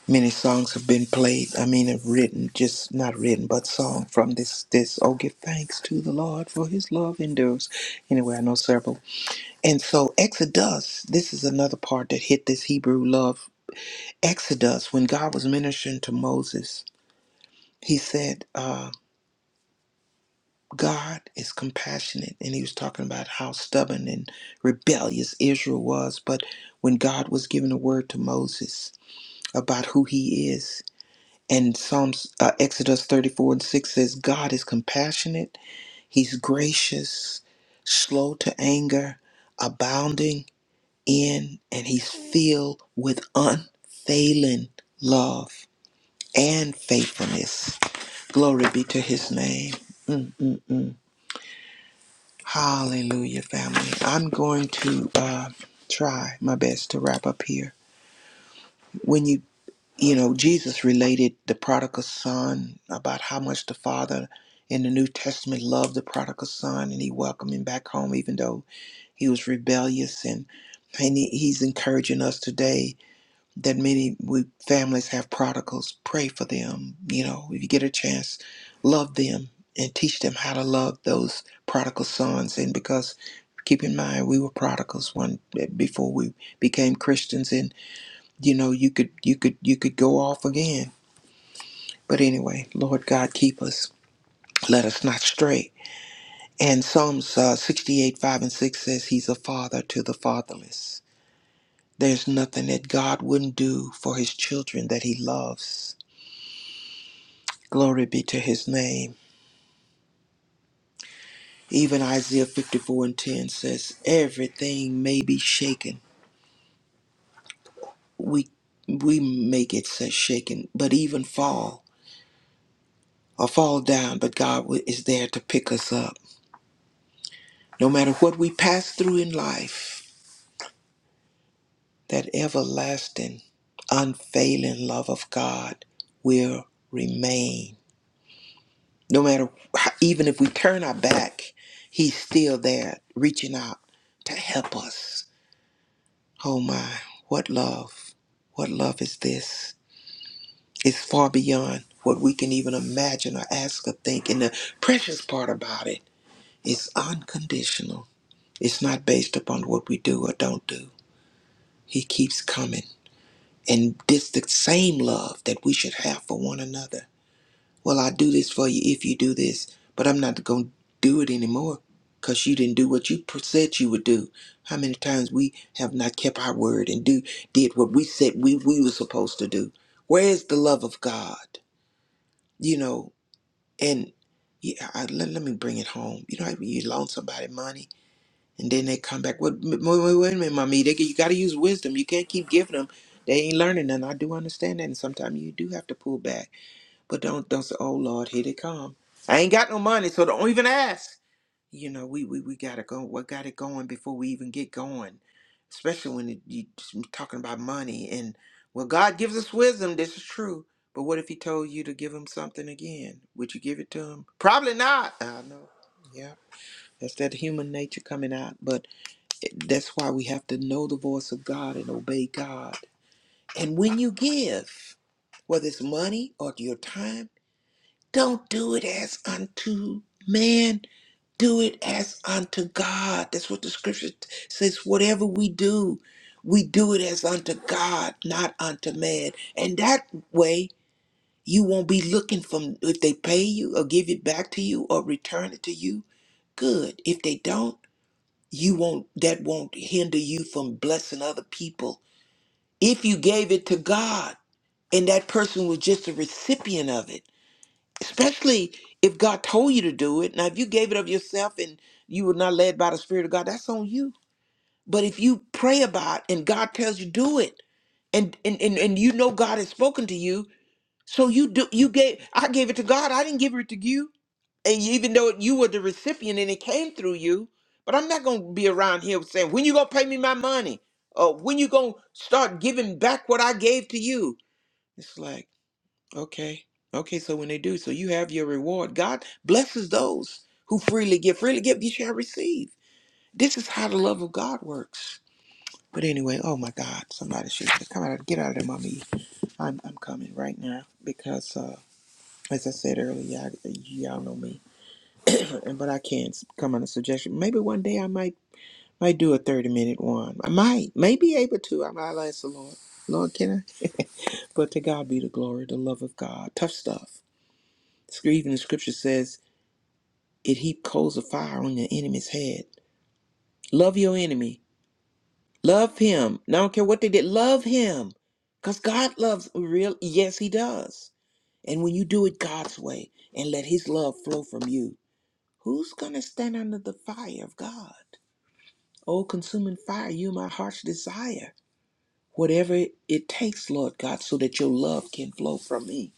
C: Many songs have been played. I mean, have written, just not written, but song from this. This oh, give thanks to the Lord for His love endures. Anyway, I know several. And so Exodus. This is another part that hit this Hebrew love. Exodus, when God was ministering to Moses, He said, uh, "God is compassionate," and He was talking about how stubborn and rebellious Israel was. But when God was giving a word to Moses about who He is, And Psalms uh, Exodus 34 and 6 says, God is compassionate, He's gracious, slow to anger, abounding in, and He's filled with unfailing love and faithfulness. Glory be to His name. Mm-mm-mm. Hallelujah, family. I'm going to uh, try my best to wrap up here. you know, Jesus related the prodigal son about how much the father in the New Testament loved the prodigal son and he welcomed him back home, even though he was rebellious. And, and he, he's encouraging us today that many we, families have prodigals. Pray for them. You know, if you get a chance, love them and teach them how to love those prodigal sons. And because keep in mind, we were prodigals one before we became Christians. And you know you could you could you could go off again but anyway lord god keep us let us not stray and psalms uh, 68 5 and 6 says he's a father to the fatherless there's nothing that god wouldn't do for his children that he loves glory be to his name even isaiah 54 and 10 says everything may be shaken we we make it says shaken but even fall or fall down but god is there to pick us up No matter what we pass through in life, that everlasting, unfailing love of God will remain. No matter, even if we turn our back, He's still there reaching out to help us. Oh my, what love! What love is this? It's far beyond what we can even imagine or ask or think. And the precious part about it is unconditional. It's not based upon what we do or don't do. He keeps coming. And this the same love that we should have for one another. Well, I do this for you if you do this, but I'm not going to do it anymore because you didn't do what you pr- said you would do. How many times we have not kept our word and do did what we said we, we were supposed to do? Where is the love of God? You know, and yeah, I, let, let me bring it home. You know, you loan somebody money and then they come back. What? Wait, wait, wait a minute, mommy. They, you got to use wisdom. You can't keep giving them. They ain't learning, and I do understand that. And sometimes you do have to pull back, but don't don't say, "Oh Lord, here they come." I ain't got no money, so don't even ask. You know, we we, we gotta go. What got it going before we even get going? Especially when it, you you talking about money and well, God gives us wisdom. This is true. But what if He told you to give Him something again? Would you give it to Him? Probably not. I know. Yeah, that's that human nature coming out, but. That's why we have to know the voice of God and obey God. And when you give, whether it's money or your time, don't do it as unto man. Do it as unto God. That's what the scripture t- says. Whatever we do, we do it as unto God, not unto man. And that way, you won't be looking from if they pay you or give it back to you or return it to you. Good. If they don't, you won't that won't hinder you from blessing other people if you gave it to god and that person was just a recipient of it especially if god told you to do it now if you gave it of yourself and you were not led by the spirit of god that's on you but if you pray about and god tells you do it and and and, and you know god has spoken to you so you do you gave i gave it to god i didn't give it to you and you, even though you were the recipient and it came through you, but I'm not gonna be around here saying when you gonna pay me my money, or when you gonna start giving back what I gave to you. It's like okay, okay. So when they do, so you have your reward. God blesses those who freely give. Freely give, you shall receive. This is how the love of God works. But anyway, oh my God, somebody should come out, get out of there, mommy. I'm I'm coming right now because, uh, as I said earlier, y'all y'all know me. and but I can s- come on a suggestion. Maybe one day I might might do a thirty minute one. I might, may be able to. I might ask the Lord. Lord, can I? But to God be the glory, the love of God. Tough stuff. Sc- Even the scripture says it heap coals of fire on your enemy's head. Love your enemy. Love him. I don't care what they did. Love him, cause God loves real. Yes, He does. And when you do it God's way and let His love flow from you, who's gonna stand under the fire of God? Oh, consuming fire, you're my heart's desire. Whatever it takes, Lord God, so that your love can flow from me.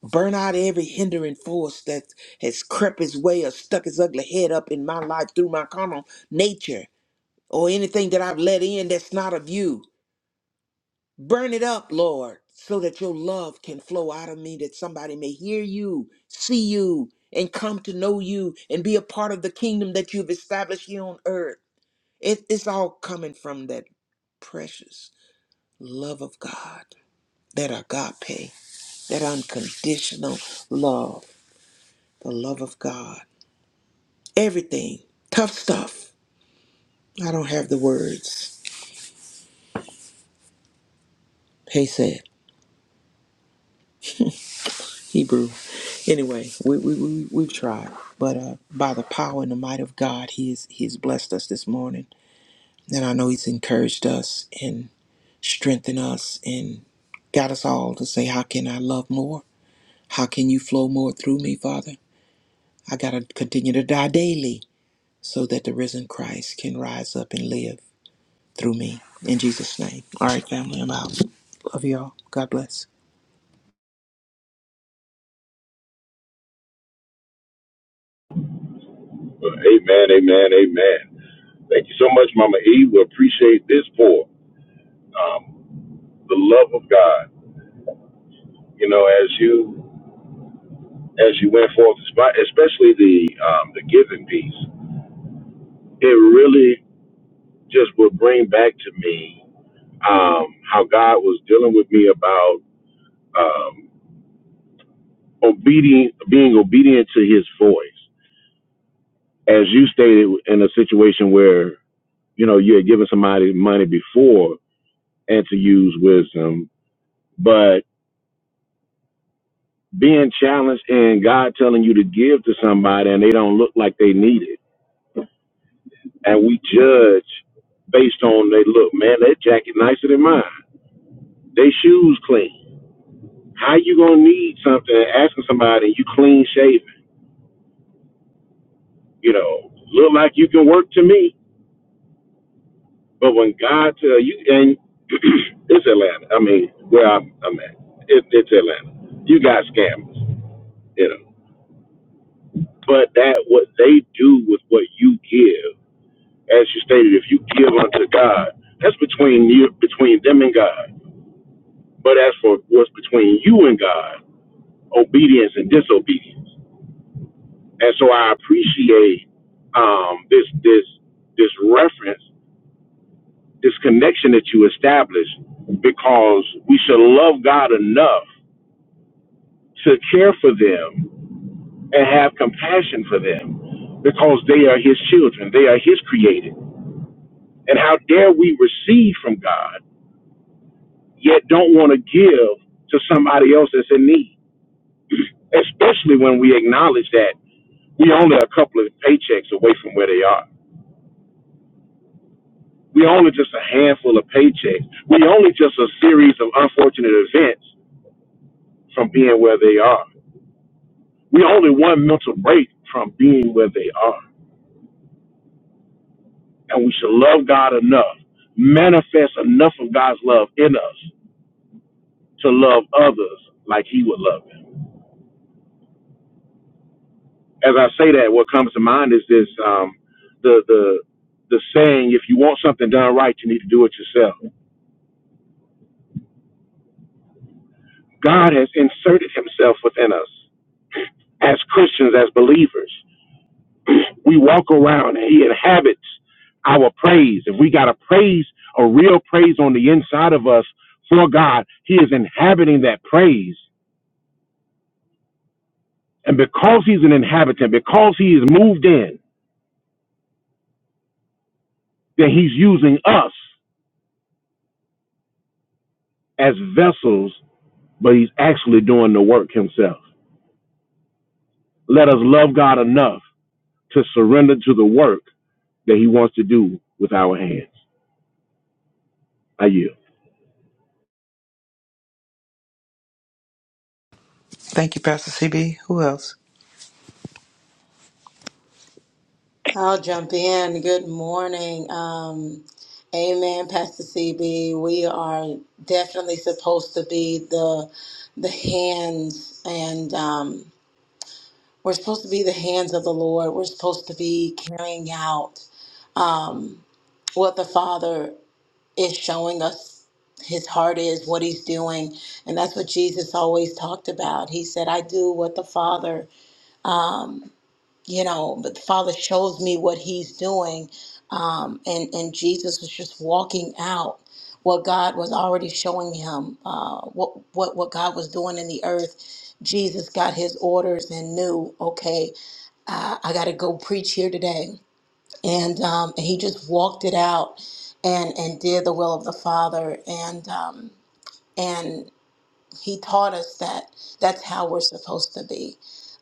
C: Burn out every hindering force that has crept its way or stuck its ugly head up in my life through my carnal nature or anything that I've let in that's not of you. Burn it up, Lord, so that your love can flow out of me, that somebody may hear you, see you, and come to know you and be a part of the kingdom that you've established here on earth. It, it's all coming from that precious love of God, that agape, that unconditional love, the love of God. Everything, tough stuff. I don't have the words. He said, Hebrew. Anyway, we, we, we, we've tried. But uh, by the power and the might of God, he, is, he has blessed us this morning. And I know He's encouraged us and strengthened us and got us all to say, How can I love more? How can you flow more through me, Father? I got to continue to die daily so that the risen Christ can rise up and live through me. In Jesus' name. All right, family, I'm out. Love y'all. God bless.
B: Amen, amen, amen. Thank you so much, Mama E. We appreciate this pour. Um, the love of God. you know, as you as you went forth, espe- especially the um, the giving piece, it really just would bring back to me um, how God was dealing with me about um, obedient, being obedient to His voice. As you stated, in a situation where you know you had given somebody money before and to use wisdom, but being challenged and God telling you to give to somebody and they don't look like they need it and we judge based on they look, man, that jacket nicer than mine. They shoes clean. How you gonna need something asking somebody you clean shaven, you know, look like you can work to me. But when God tell you and it's Atlanta. I mean, where I'm I'm at. It, it's Atlanta. You got scammers, you know. But that what they do with what you give, as you stated, if you give unto God, that's between you between them and God. But as for what's between you and God, obedience and disobedience. And so I appreciate um, this this this reference, this connection that you established, because we should love God enough to care for them and have compassion for them, because they are His children, they are His created. And how dare we receive from God, yet don't want to give to somebody else that's in need, especially when we acknowledge that we only a couple of paychecks away from where they are We only just a handful of paychecks. We only just a series of unfortunate events from being where they are. We only one mental break from being where they are. And we should love God enough, manifest enough of God's love in us to love others like He would love them. As I say that, what comes to mind is this: um, the the the saying, "If you want something done right, you need to do it yourself." God has inserted Himself within us as Christians, as believers. we walk around and he inhabits our praise. If we got a praise, a real praise on the inside of us for God, he is inhabiting that praise. And because he's an inhabitant, because he is moved in, then he's using us as vessels, but he's actually doing the work himself. Let us love God enough to surrender to the work that he wants to do with our hands. I yield.
C: Thank you, Pastor CB. Who else?
D: I'll jump in. Good morning. Um, amen, Pastor CB. We are definitely supposed to be the the hands, and um, we're supposed to be the hands of the Lord. We're supposed to be carrying out um, what the Father is showing us. His heart is what he's doing, and that's what Jesus always talked about. He said, "I do what the Father." you know, but the Father shows me what He's doing. Um, and, and Jesus was just walking out what God was already showing him, uh, what, what, what God was doing in the earth. Jesus got his orders and knew, okay, uh, I got to go preach here today. And, um, and he just walked it out and, and did the will of the Father. And, um, he taught us that that's how we're supposed to be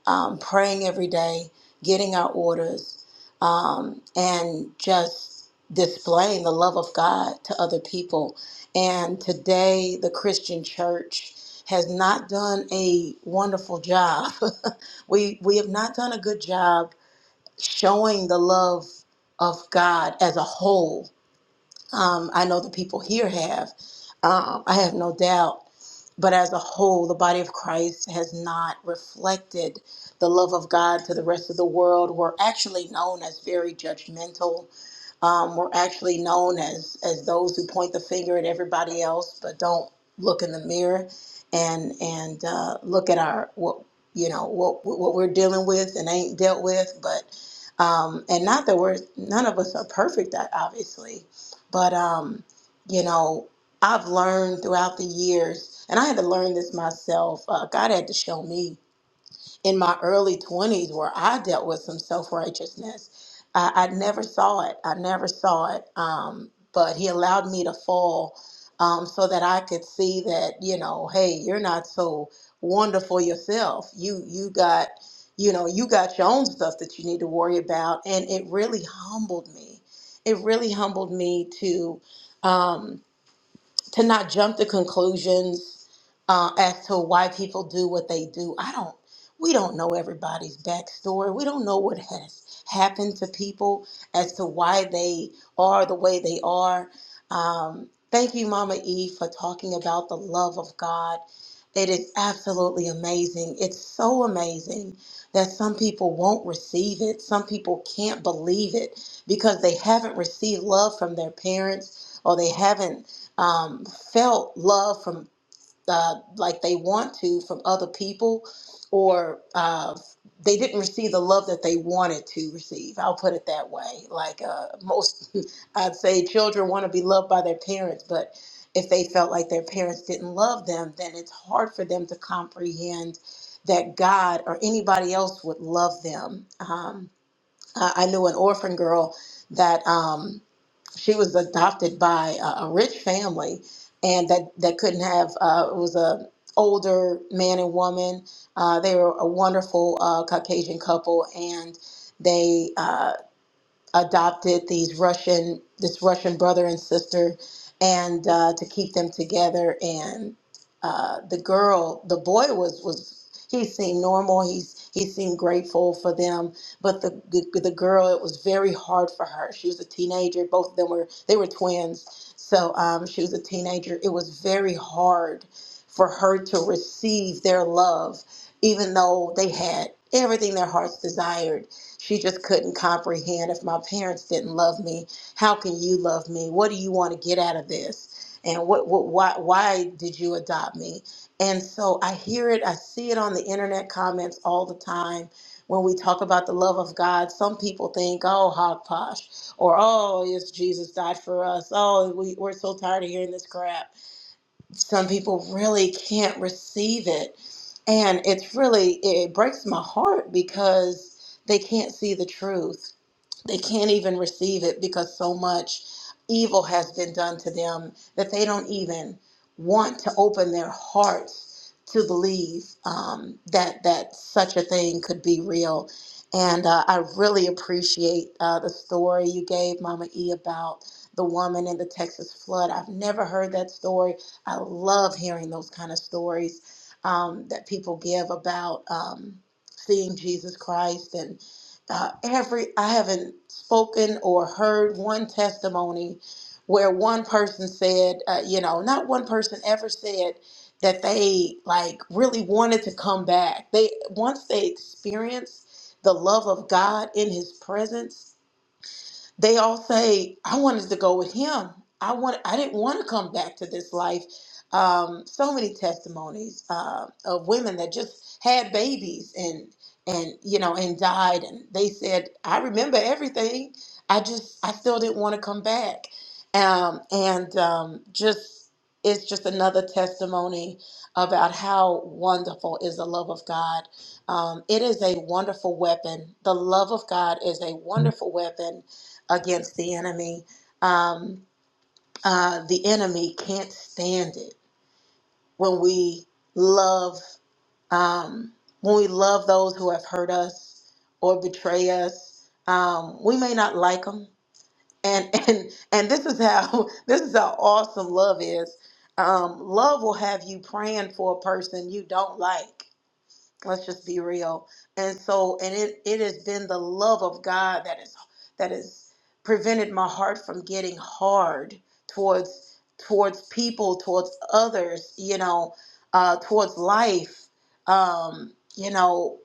D: um, praying every day, getting our orders, um, and just displaying the love of God to other people. And today, the Christian church has not done a wonderful job. we, we have not done a good job showing the love of God as a whole um, I know the people here have. Um, I have no doubt. But as a whole, the body of Christ has not reflected the love of God to the rest of the world. We're actually known as very judgmental. Um, we're actually known as as those who point the finger at everybody else, but don't look in the mirror and and uh, look at our what you know what what we're dealing with and ain't dealt with. But um, and not that we're none of us are perfect, obviously but um, you know, I've learned throughout the years, and I had to learn this myself. Uh, God had to show me in my early 20s where I dealt with some self righteousness. I, I never saw it. I never saw it. Um, but he allowed me to fall um, so that I could see that, you know, hey, you're not so wonderful yourself. You, you got, you know, you got your own stuff that you need to worry about. And it really humbled me. It really humbled me to. Um, to not jump to conclusions uh, as to why people do what they do. I don't. We don't know everybody's backstory. We don't know what has happened to people as to why they are the way they are. Um, thank you, Mama E, for talking about the love of God. It is absolutely amazing. It's so amazing that some people won't receive it. Some people can't believe it because they haven't received love from their parents or they haven't um, felt love from uh, like they want to from other people, or uh, they didn't receive the love that they wanted to receive. I'll put it that way. Like uh, most, I'd say children want to be loved by their parents, but if they felt like their parents didn't love them, then it's hard for them to comprehend that God or anybody else would love them. Um, I, I knew an orphan girl that. Um, she was adopted by a, a rich family and that that couldn't have uh, it was a older man and woman uh, they were a wonderful uh, caucasian couple and they uh, adopted these Russian, this Russian brother and sister, and uh, to keep them together. And uh, the girl, the boy was was he seemed normal. He's he seemed grateful for them, but the, the the girl, it was very hard for her. She was a teenager. Both of them were they were twins, so um, she was a teenager. It was very hard for her to receive their love, even though they had everything their hearts desired she just couldn't comprehend if my parents didn't love me, how can you love me? What do you want to get out of this? And what, what why why did you adopt me? And so I hear it, I see it on the internet comments all the time. When we talk about the love of God, some people think, oh, hogposh, or oh, yes, Jesus died for us. Oh, we, we're so tired of hearing this crap some people really can't receive it and it's really it breaks my heart because they can't see the truth they can't even receive it because so much evil has been done to them that they don't even want to open their hearts to believe um, that that such a thing could be real. And uh, I really appreciate uh, the story you gave, Mama E, about the woman in the Texas flood. I've never heard that story. I love hearing those kind of stories um, that people give about um, seeing Jesus Christ and uh, every I haven't spoken or heard one testimony where one person said, uh, you know, not one person ever said that they like really wanted to come back. They once they experienced the love of God in His presence, they all say i wanted to go with him i want i didn't want to come back to this life um, so many testimonies uh, of women that just had babies and and you know and died and they said i remember everything i just i still didn't want to come back um, and um, just it's just another testimony about how wonderful is the love of god um, it is a wonderful weapon the love of god is a wonderful weapon against the enemy. Um, uh, the enemy can't stand it when we love um, when we love those who have hurt us or betray us. Um, we may not like them, and and and this is how this is how awesome love is. Um, love will have you praying for a person you don't like let's just be real and so and it it has been the love of god that is that has prevented my heart from getting hard towards towards people towards others you know uh towards life um you know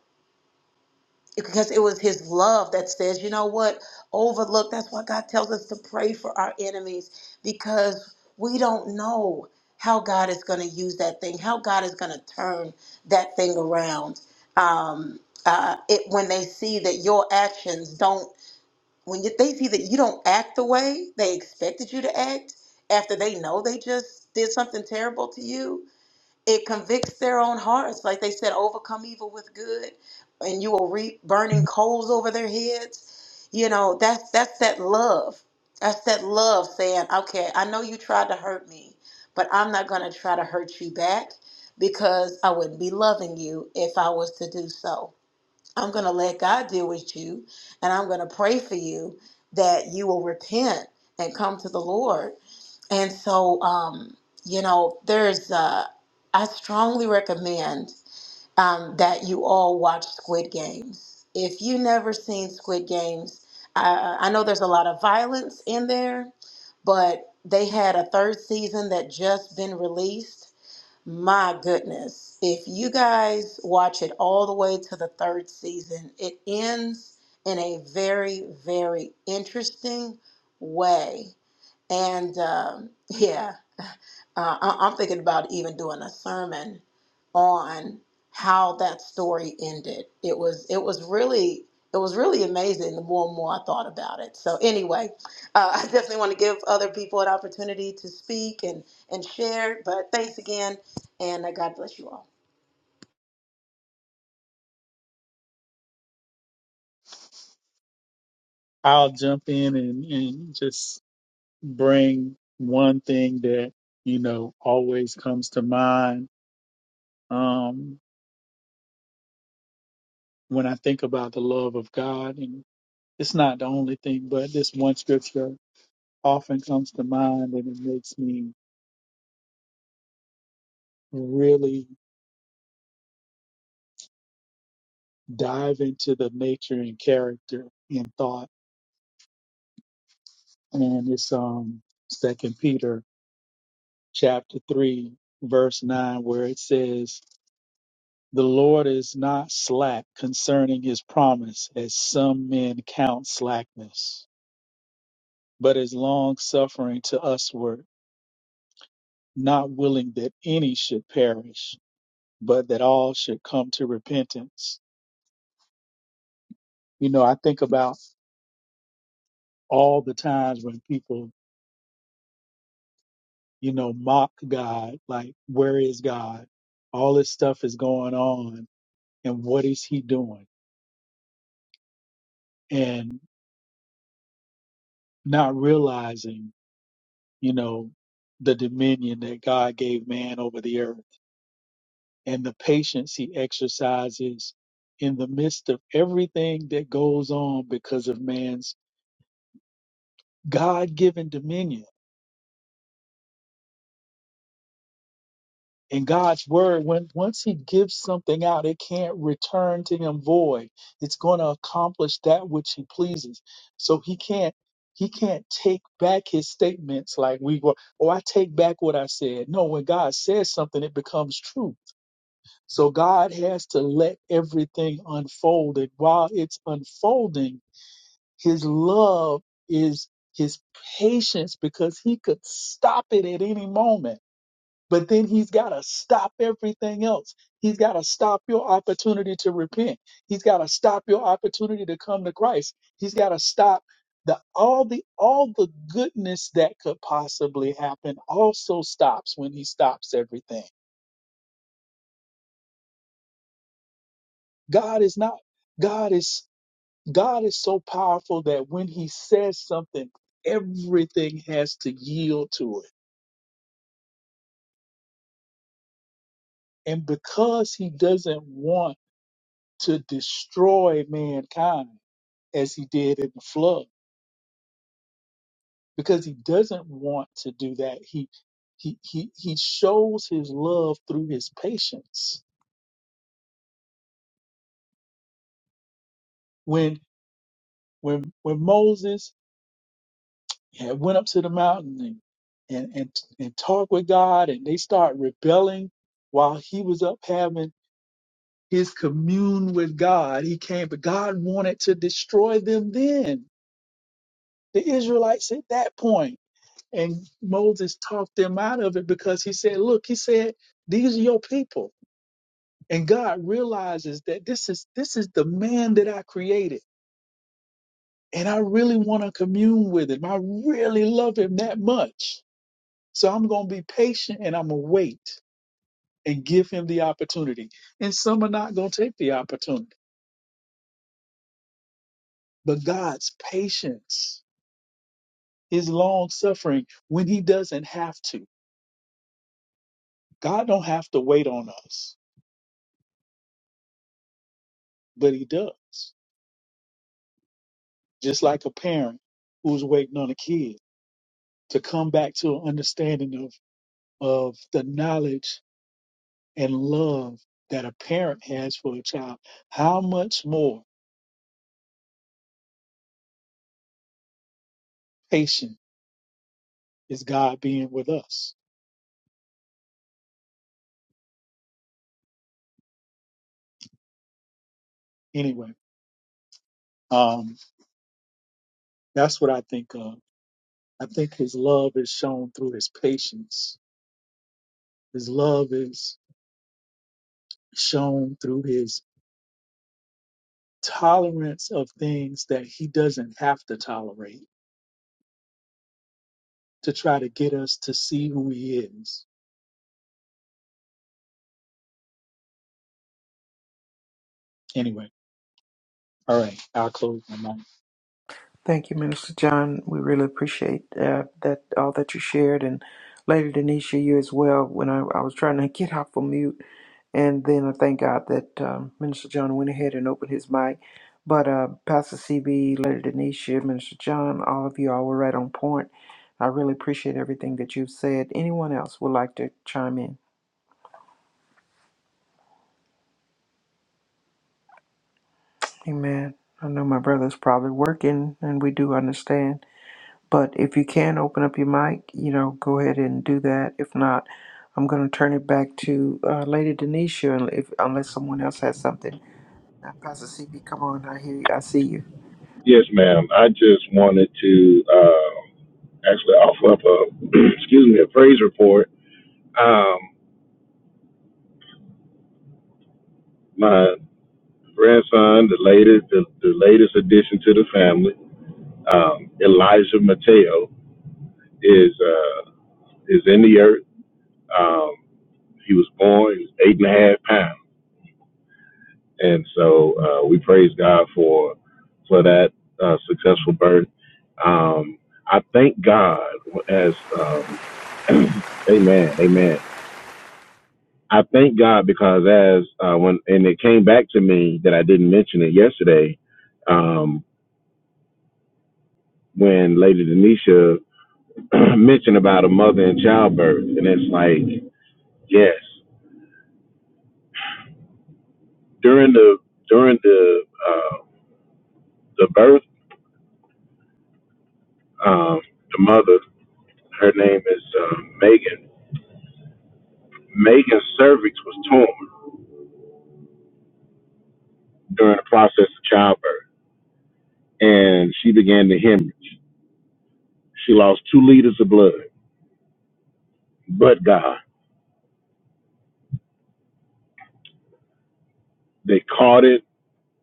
D: because it was his love that says, you know what, overlook. That's why God tells us to pray for our enemies because we don't know how God is going to use that thing, how God is going to turn that thing around. Um, uh, it when they see that your actions don't, when you, they see that you don't act the way they expected you to act after they know they just did something terrible to you, it convicts their own hearts. Like they said, overcome evil with good, and you will reap burning coals over their heads. You know, that's that's that love. That's that love saying, okay, I know you tried to hurt me, but I'm not gonna try to hurt you back because I wouldn't be loving you if I was to do so. I'm gonna let God deal with you and I'm gonna pray for you that you will repent and come to the Lord and so, um, you know, there's, uh, I strongly recommend um, that you all watch Squid Games. If you never seen Squid Games, I, I know there's a lot of violence in there, but they had a third season that just been released. My goodness. If you guys watch it all the way to the third season, it ends in a very, very interesting way. And um, yeah, uh, I, I'm thinking about even doing a sermon on how that story ended. It was it was really it was really amazing. The more and more I thought about it. So anyway, uh, I definitely want to give other people an opportunity to speak and and share. But thanks again, and uh, God bless you all.
E: I'll jump in and, and just bring one thing that you know always comes to mind um, when I think about the love of God, and it's not the only thing, but this one scripture often comes to mind, and it makes me really dive into the nature and character in thought. And it's um Second Peter chapter three, verse nine, where it says, The Lord is not slack concerning his promise, as some men count slackness, but is long suffering to usward, not willing that any should perish, but that all should come to repentance. You know, I think about all the times when people you know, mock God, like, where is God? All this stuff is going on, and what is he doing? And not realizing, you know, the dominion that God gave man over the earth and the patience he exercises in the midst of everything that goes on because of man's God given dominion in God's word, when once He gives something out, it can't return to Him void. It's going to accomplish that which He pleases. So He can't He can't take back His statements like we were. Oh, I take back what I said. No, when God says something, it becomes true. So God has to let everything unfold, and while it's unfolding, His love is His patience because He could stop it at any moment but then he's got to stop everything else. He's got to stop your opportunity to repent. He's got to stop your opportunity to come to Christ. He's got to stop the all the all the goodness that could possibly happen also stops when he stops everything. God is not God is God is so powerful that when he says something, everything has to yield to it. And because he doesn't want to destroy mankind, as he did in the flood because he doesn't want to do that. He he he he shows his love through his patience. When when when Moses had went up to the mountain and and and, and talked with God and they start rebelling while he was up having his commune with God, he came, but God wanted to destroy them then. The Israelites at that point. And Moses talked them out of it because he said, Look, he said, these are your people And God realizes that this is this is the man that I created. And I really want to commune with him. I really love him that much. So I'm gonna be patient and I'm gonna wait and give him the opportunity. And some are not gonna take the opportunity. But God's patience, his long suffering when he doesn't have to. God don't have to wait on us, but he does. Just like a parent who's waiting on a kid to come back to an understanding of of the knowledge and love that a parent has for a child, how much more patient is God being with us? Anyway, um, that's what I think of. I think his love is shown through his patience. His love is shown through his tolerance of things that he doesn't have to tolerate to try to get us to see who he is. Anyway, all right, I'll close my mic.
C: Thank you, Minister John. We really appreciate uh, that all that you shared, and Lady Denisha, you as well. When I, I was trying to get off of mute, and then I thank God that um, Minister John went ahead and opened his mic. But uh, Pastor CB, Lady Denisha, Minister John, all of you all were right on point. I really appreciate everything that you've said. Anyone else would like to chime in? Amen. I know my brother's probably working, and we do understand. But if you can open up your mic, you know, go ahead and do that. If not, I'm going to turn it back to uh, Lady Denisha, and if, unless someone else has something. Now, Pastor CB, come on, I hear you, I see you.
B: Yes, ma'am. I just wanted to. uh, actually offer up a excuse me a praise report. Um, my grandson, the latest the, the latest addition to the family, um, Elijah Mateo, is uh, is in the earth. Um, he was born he was eight and a half pounds, and so uh, we praise God for for that uh, successful birth. Um, I thank God as um, Amen, Amen. I thank God because as uh, when and it came back to me that I didn't mention it yesterday, um, when Lady Denisha mentioned about a mother and childbirth, and it's like yes, during the during the uh, the birth, um, the mother, her name is uh, Megan. Megan's cervix was torn during the process of childbirth, and she began to hemorrhage. She lost two liters of blood, but God, they caught it.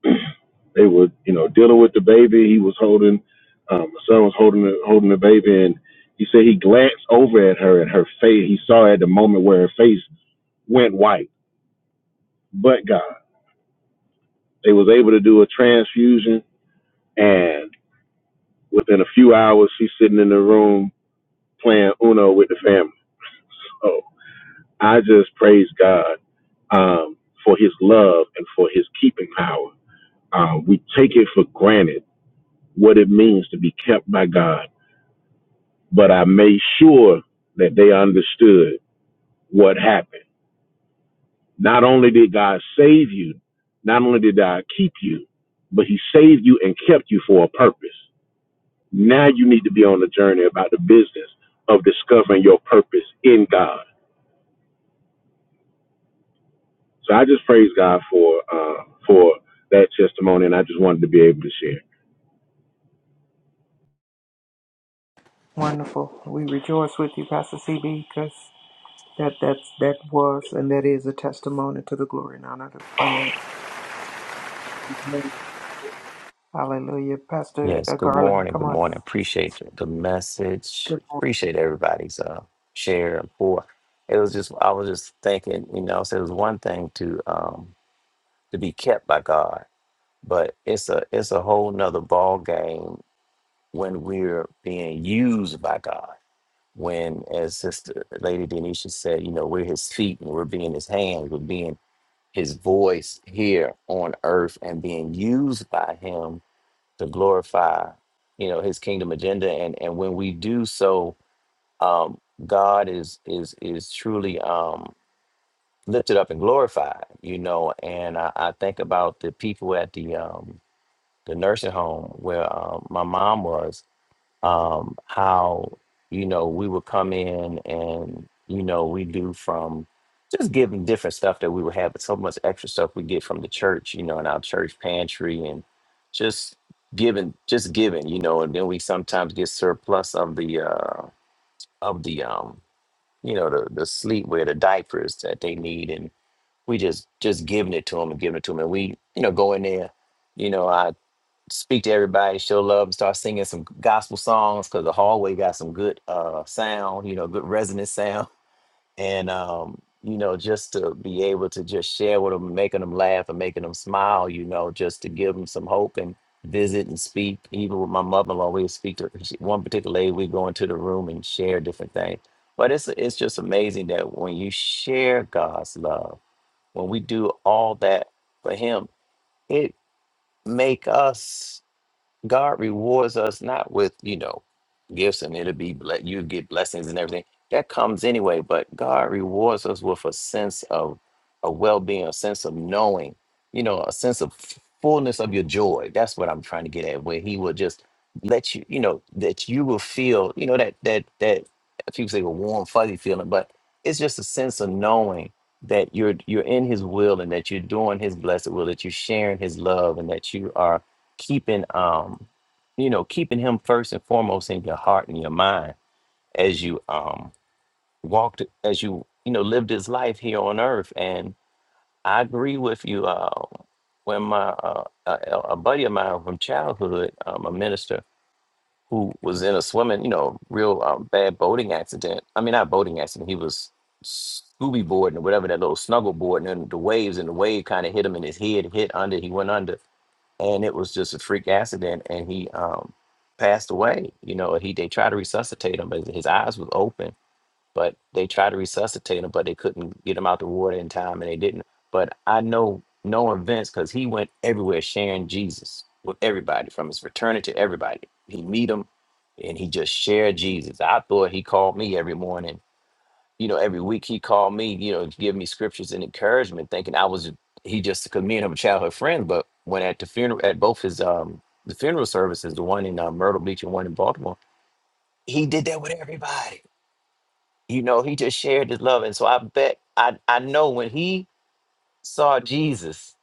B: They were, you know, dealing with the baby. He was holding, um, my son was holding the, holding the baby, and he said he glanced over at her, and her face. He saw at the moment where her face went white. But God, they was able to do a transfusion, and within a few hours, she's sitting in the room playing Uno with the family. So I just praise God um, for His love and for His keeping power. Uh, we take it for granted what it means to be kept by God but I made sure that they understood what happened. Not only did God save you, not only did God keep you, but He saved you and kept you for a purpose. Now you need to be on the journey about the business of discovering your purpose in God. So I just praise God for uh, for that testimony, and I just wanted to be able to share.
C: Wonderful. We rejoice with you, Pastor CB, because that that's that was and that is a testimony to the glory and honor. Of the Lord. Hallelujah, Pastor
F: Yes,
C: uh,
F: good
C: Garland,
F: morning.
C: come
F: Good
C: on.
F: morning. Appreciate the message.
C: Good.
F: Appreciate everybody's uh, share and pour. It was just I was just thinking, you know, so it was one thing to um to be kept by God, but it's a it's a whole nother ball game when we're being used by God. When as Sister Lady Denisha said, you know, we're his feet and we're being his hands, we're being his voice here on earth and being used by him to glorify you know his kingdom agenda and and when we do so um god is is is truly um lifted up and glorified you know and i, I think about the people at the um the nursing home where um, my mom was um, how you know we would come in and you know we do from just giving different stuff that we would have, but so much extra stuff we get from the church, you know, in our church pantry and just giving, just giving, you know, and then we sometimes get surplus of the uh, of the um, you know, the the sleepwear, the diapers that they need, and we just just giving it to them and giving it to them, and we you know go in there. You know, speak to everybody, show love, and start singing some gospel songs because the hallway got some good uh sound, you know, good resonant sound, and um, you know, just to be able to just share with them, making them laugh and making them smile, you know, just to give them some hope and visit and speak. Even with my mother-in-law, we would speak to she- one particular lady. We go into the room and share different things. But it's it's just amazing that when you share God's love, when we do all that for Him, it make us God rewards us not with, you know, gifts and it'll be ble- you get blessings and everything. That comes anyway, but God rewards us with a sense of a well-being, a sense of knowing, you know, a sense of fullness of your joy. That's what I'm trying to get at, where he will just let you, you know, that you will feel, you know, that that that people say a warm, fuzzy feeling, but it's just a sense of knowing that you're you're in his will and that you're doing his blessed will, that you're sharing his love and that you are keeping um you know keeping him first and foremost in your heart and your mind as you um walked as you you know lived his life here on earth and i agree with you uh when my uh, a, a buddy of mine from childhood um, a minister who was in a swimming you know real um, bad boating accident i mean not boating accident he was scooby boarding or whatever that little snuggle board and then the waves and the wave kind of hit him in his head hit under he went under and it was just a freak accident and he um passed away you know and he they tried to resuscitate him but his eyes was open but they tried to resuscitate him but they couldn't get him out the water in time and they didn't but i know knowing vince because he went everywhere sharing jesus with everybody from his fraternity to everybody he meet him and he just shared jesus i thought he called me every morning you know, every week he called me, you know, to give me scriptures and encouragement, thinking I was he just because me and him were childhood friend. But when at the funeral, at both his um the funeral services, the one in uh, Myrtle Beach and one in Baltimore, he did that with everybody. You know, he just shared his love, and so I bet I I know when he saw Jesus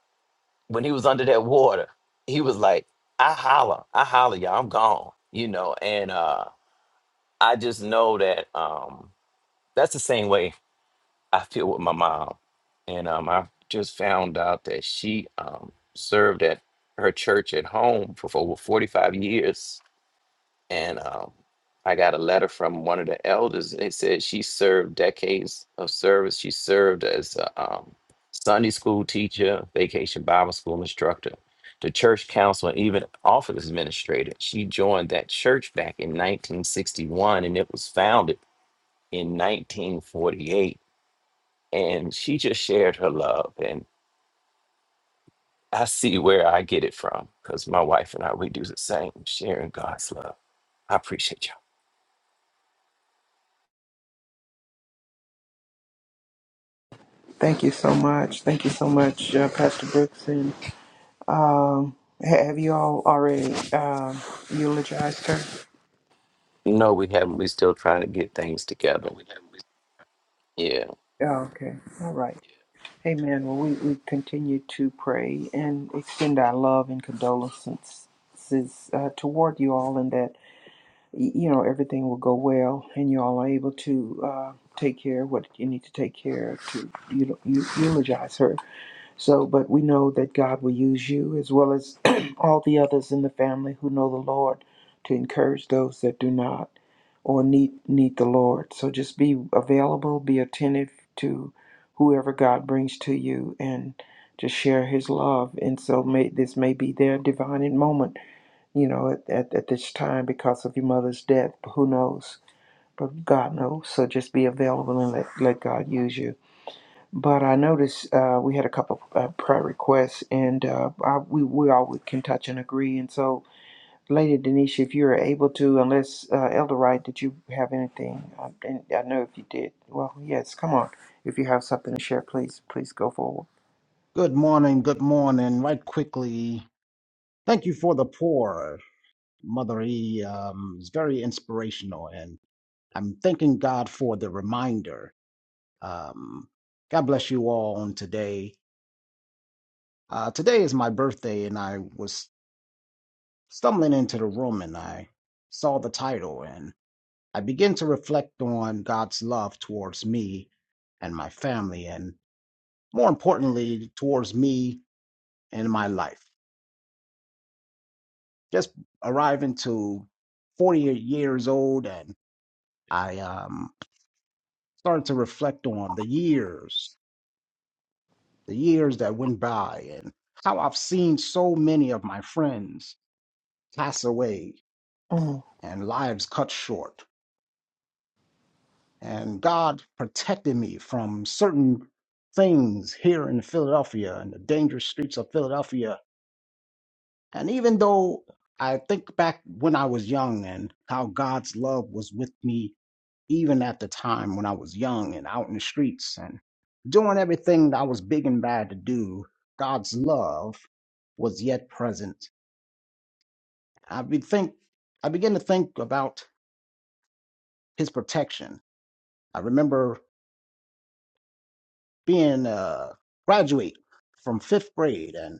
F: when he was under that water, he was like, I holler, I holler, y'all, I'm gone. You know, and uh I just know that um that's the same way I feel with my mom, and um, I just found out that she um, served at her church at home for, for over forty five years, and um, I got a letter from one of the elders. They said she served decades of service. She served as a um, Sunday school teacher, vacation Bible school instructor, the church counselor, and even office administrator. She joined that church back in 1961, and it was founded in 1948 and she just shared her love and i see where i get it from because my wife and i we do the same sharing god's love i appreciate
C: Thank you so much. Thank you so much, uh, Pastor Brooks and Um, ha- have you all already um eulogized her?
F: y'all no we haven't we still trying to get things together Yeah.
C: Oh, okay. All right. Amen. Well, we, we continue to pray and extend our love and condolences uh, toward you all, and that y- you know everything will go well, and you all are able to uh, take care of what you need to take care of to eu- eu- eulogize her. So, but we know that God will use you as well as all the others in the family who know the Lord to encourage those that do not or need need the Lord. So just be available, be attentive to whoever God brings to you and just share his love. And so may this may be their divine moment, you know, at, at, at this time because of your mother's death. Who knows? But God knows. So just be available and let, let God use you. But I noticed uh, we had a couple uh, prayer requests, and uh, I, we we all would- can touch and agree. And so, Lady Denisha, if you are able to, unless uh, Elder Wright, did you have anything? I, didn't, I know if you did. Well, yes. Come on, if you have something to share, please please go forward.
G: Good morning, good morning. Right quickly, thank you for the poor, Mother E. Um, it's very inspirational, and I'm thanking God for the reminder. Um, God bless you all on today. Uh, today is my birthday, and I was stumbling into the room and I saw the title, and I began to reflect on God's love towards me and my family, and more importantly, towards me and my life. just arriving to 40 years old and i um, started to reflect on the years the years that went by and how i've seen so many of my friends pass away
C: Mm.
G: and lives cut short and god protected me from certain things here in philadelphia and the dangerous streets of philadelphia and even though i think back when i was young and how god's love was with me even at the time when I was young and out in the streets and doing everything that I was big and bad to do, God's love was yet present. I be think I began to think about His protection. I remember being a graduate from fifth grade, and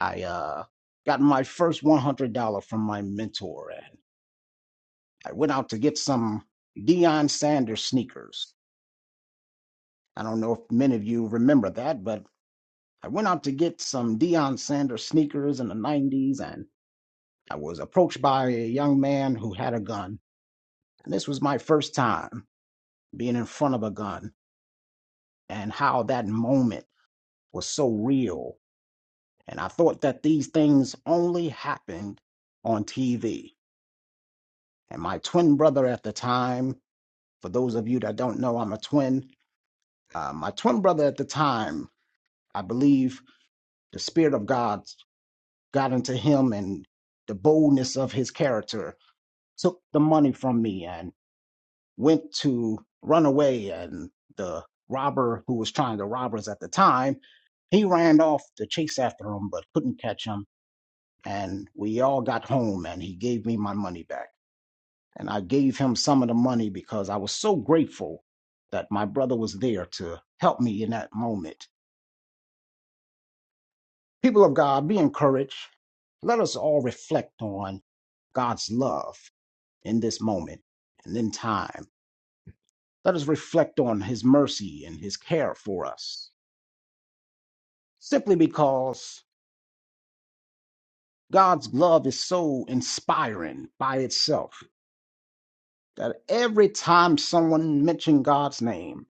G: I uh, got my first one hundred dollar from my mentor, and I went out to get some Deion Sanders sneakers. I don't know if many of you remember that, but I went out to get some Deion Sanders sneakers in the 90s, and I was approached by a young man who had a gun. And this was my first time being in front of a gun, and how that moment was so real. And I thought that these things only happened on TV. And my twin brother at the time, for those of you that don't know, I'm a twin. Uh, my twin brother at the time, I believe the Spirit of God got into him and the boldness of his character took the money from me and went to run away. And the robber who was trying to rob us at the time, he ran off to chase after him, but couldn't catch him. And we all got home and he gave me my money back. And I gave him some of the money because I was so grateful that my brother was there to help me in that moment. People of God, be encouraged. Let us all reflect on God's love in this moment and in time Let us reflect on his mercy and his care for us. Simply because God's love is so inspiring by itself that every time someone mentioned God's name,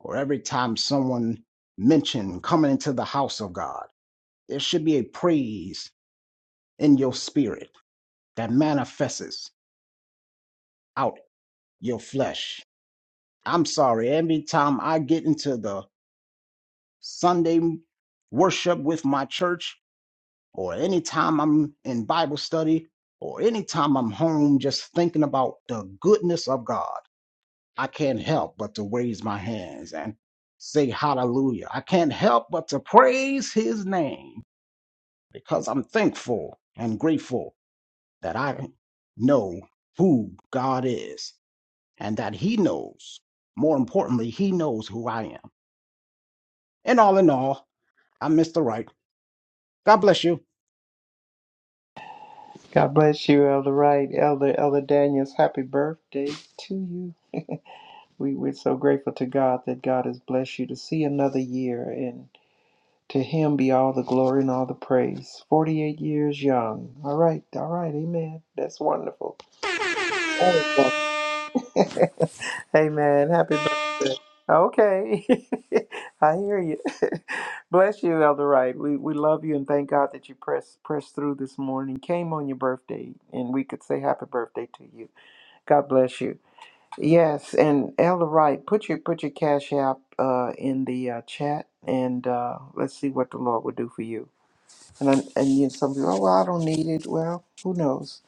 G: or every time someone mentioned coming into the house of God, there should be a praise in your spirit that manifests out your flesh. I'm sorry, every time I get into the Sunday worship with my church, or anytime I'm in Bible study, or anytime I'm home just thinking about the goodness of God, I can't help but to raise my hands and say hallelujah. I can't help but to praise his name because I'm thankful and grateful that I know who God is and that he knows. More importantly, he knows who I am. And all in all, I'm Mr. Right. God bless you.
C: God bless you, Elder Wright, Elder Elder Daniels. Happy birthday to you. We we're so grateful to God that God has blessed you to see another year, To him be all the glory and all the praise. 48 years young. All right, all right, amen. That's wonderful. Amen. amen. Happy birthday. Okay. I hear you. Bless you, Elder Wright. We we love you and thank God that you press pressed through this morning. Came on your birthday and we could say happy birthday to you. God bless you. Yes, and Elder Wright, put your put your cash app uh, in the uh, chat and uh, let's see what the Lord will do for you. And I, and you some people, oh, well, I don't need it. Well, who knows?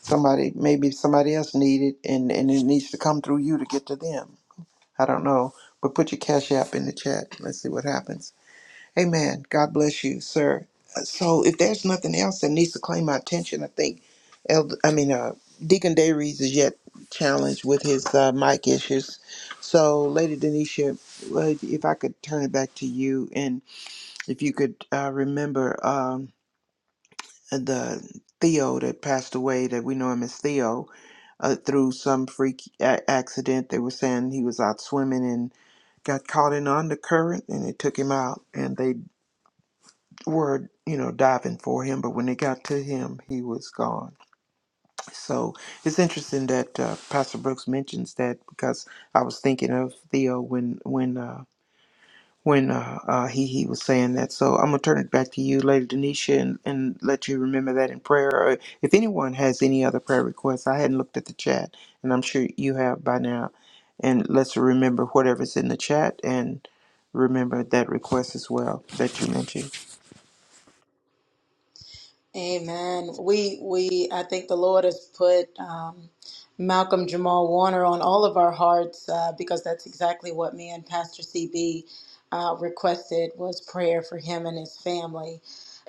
C: Somebody, maybe somebody else need it, and and it needs to come through you to get to them. I don't know, but put your cash app in the chat. Let's see what happens. Amen. God bless you, sir. Uh, So if there's nothing else that needs to claim my attention, I think, Elder, I mean, uh, Deacon Dayries is yet challenged with his uh, mic issues. So, Lady Denisha, uh, if I could turn it back to you, and if you could uh, remember. Um, the Theo that passed away that we know him as Theo uh, through some freak a- accident. They were saying he was out swimming and got caught in undercurrent and it took him out and they were you know diving for him but when they got to him he was gone so it's interesting that uh, pastor brooks mentions that because i was thinking of theo when when uh, when uh, uh, he he was saying that. So I'm gonna turn it back to you, Lady Denisha, and, and let you remember that in prayer. Or if anyone has any other prayer requests, I hadn't looked at the chat, and I'm sure you have by now. And let's remember whatever's in the chat, and remember that request as well that you mentioned.
D: Amen. We we I think the Lord has put um, Malcolm Jamal Warner on all of our hearts uh, because that's exactly what me and Pastor CB uh, requested was prayer for him and his family.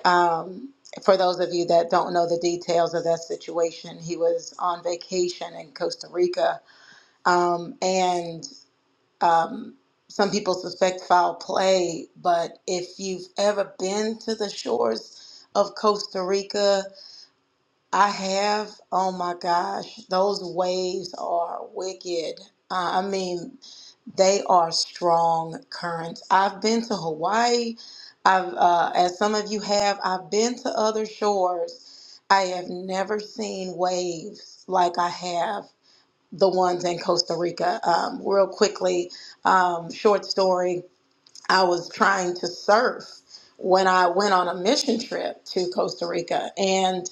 D: Um, for those of you that don't know the details of that situation, he was on vacation in Costa Rica, um, and um, some people suspect foul play. But if you've ever been to the shores of Costa Rica, I have, oh my gosh, those waves are wicked. Uh, I mean, they are strong currents. I've been to Hawaii. I've, uh, as some of you have, I've been to other shores. I have never seen waves like I have the ones in Costa Rica. Um, real quickly, um, short story. I was trying to surf when I went on a mission trip to Costa Rica, and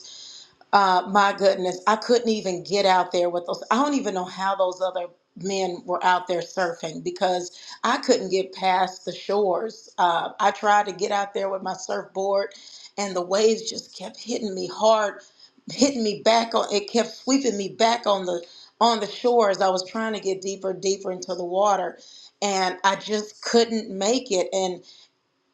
D: uh, my goodness, I couldn't even get out there with those. I don't even know how those other men were out there surfing because I couldn't get past the shores. Uh, I tried to get out there with my surfboard, and the waves just kept hitting me hard, hitting me back on. It kept sweeping me back on the on the shore as I was trying to get deeper, deeper into the water, and I just couldn't make it. And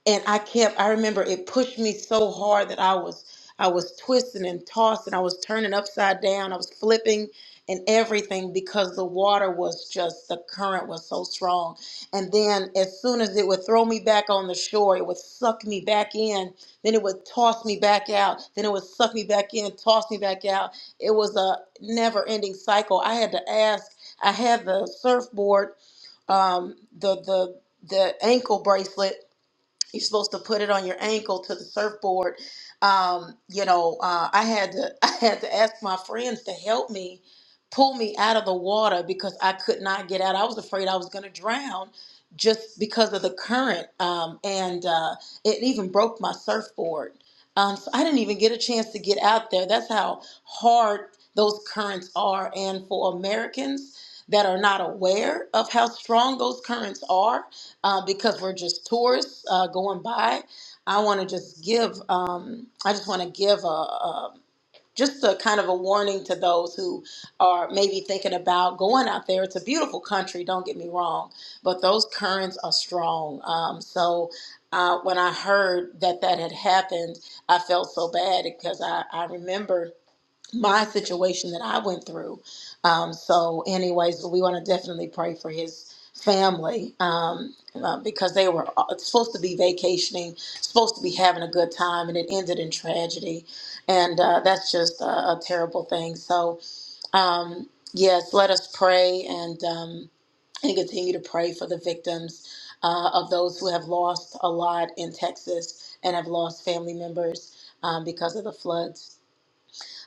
D: and I kept I remember it pushed me so hard that I was I was twisting and tossing, I was turning upside down, I was flipping and everything because the water was just the current was so strong. And then as soon as it would throw me back on the shore, it would suck me back in, then it would toss me back out, then it would suck me back in, toss me back out. It was a never-ending cycle. I had to ask, I had the surfboard um, the the the ankle bracelet you're supposed to put it on your ankle to the surfboard. Um, you know, uh, I had to I had to ask my friends to help me pull me out of the water because I could not get out. I was afraid I was going to drown just because of the current, um, and uh, it even broke my surfboard. Um, so I didn't even get a chance to get out there. That's how hard those currents are, and for Americans that are not aware of how strong those currents are uh, because we're just tourists uh, going by. I want to just give, um, I just want to give a, a just a kind of a warning to those who are maybe thinking about going out there. It's a beautiful country, don't get me wrong, but those currents are strong. Um, so uh, when I heard that that had happened, I felt so bad because I, I remember my situation that I went through. Um, so, anyways, we want to definitely pray for his family um, uh, because they were all- it's supposed to be vacationing, supposed to be having a good time, and it ended in tragedy. And uh, that's just a, a terrible thing. So, um, yes, let us pray and um, and continue to pray for the victims uh, of those who have lost a lot in Texas and have lost family members um, because of the floods.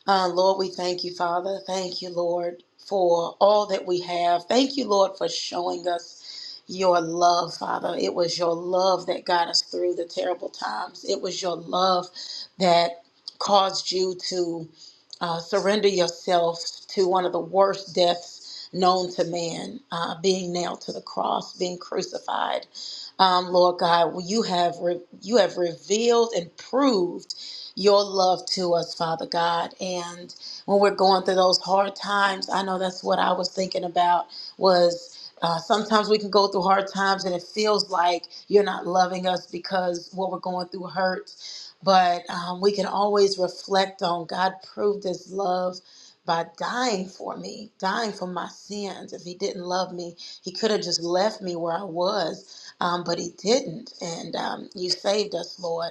D: Uh, Lord, we thank you, Father. Thank you, Lord, for all that we have. Thank you, Lord, for showing us your love, Father. It was your love that got us through the terrible times. It was your love that caused you to uh, surrender yourself to one of the worst deaths known to man, uh, being nailed to the cross, being crucified. Um, Lord God, you have re- you have revealed and proved your love to us, Father God. And when we're going through those hard times, I know that's what I was thinking about was uh, sometimes we can go through hard times and it feels like you're not loving us because what we're going through hurts. But um, we can always reflect on God proved his love by dying for me, dying for my sins. If he didn't love me, he could have just left me where I was, um, but he didn't. And um, you saved us, Lord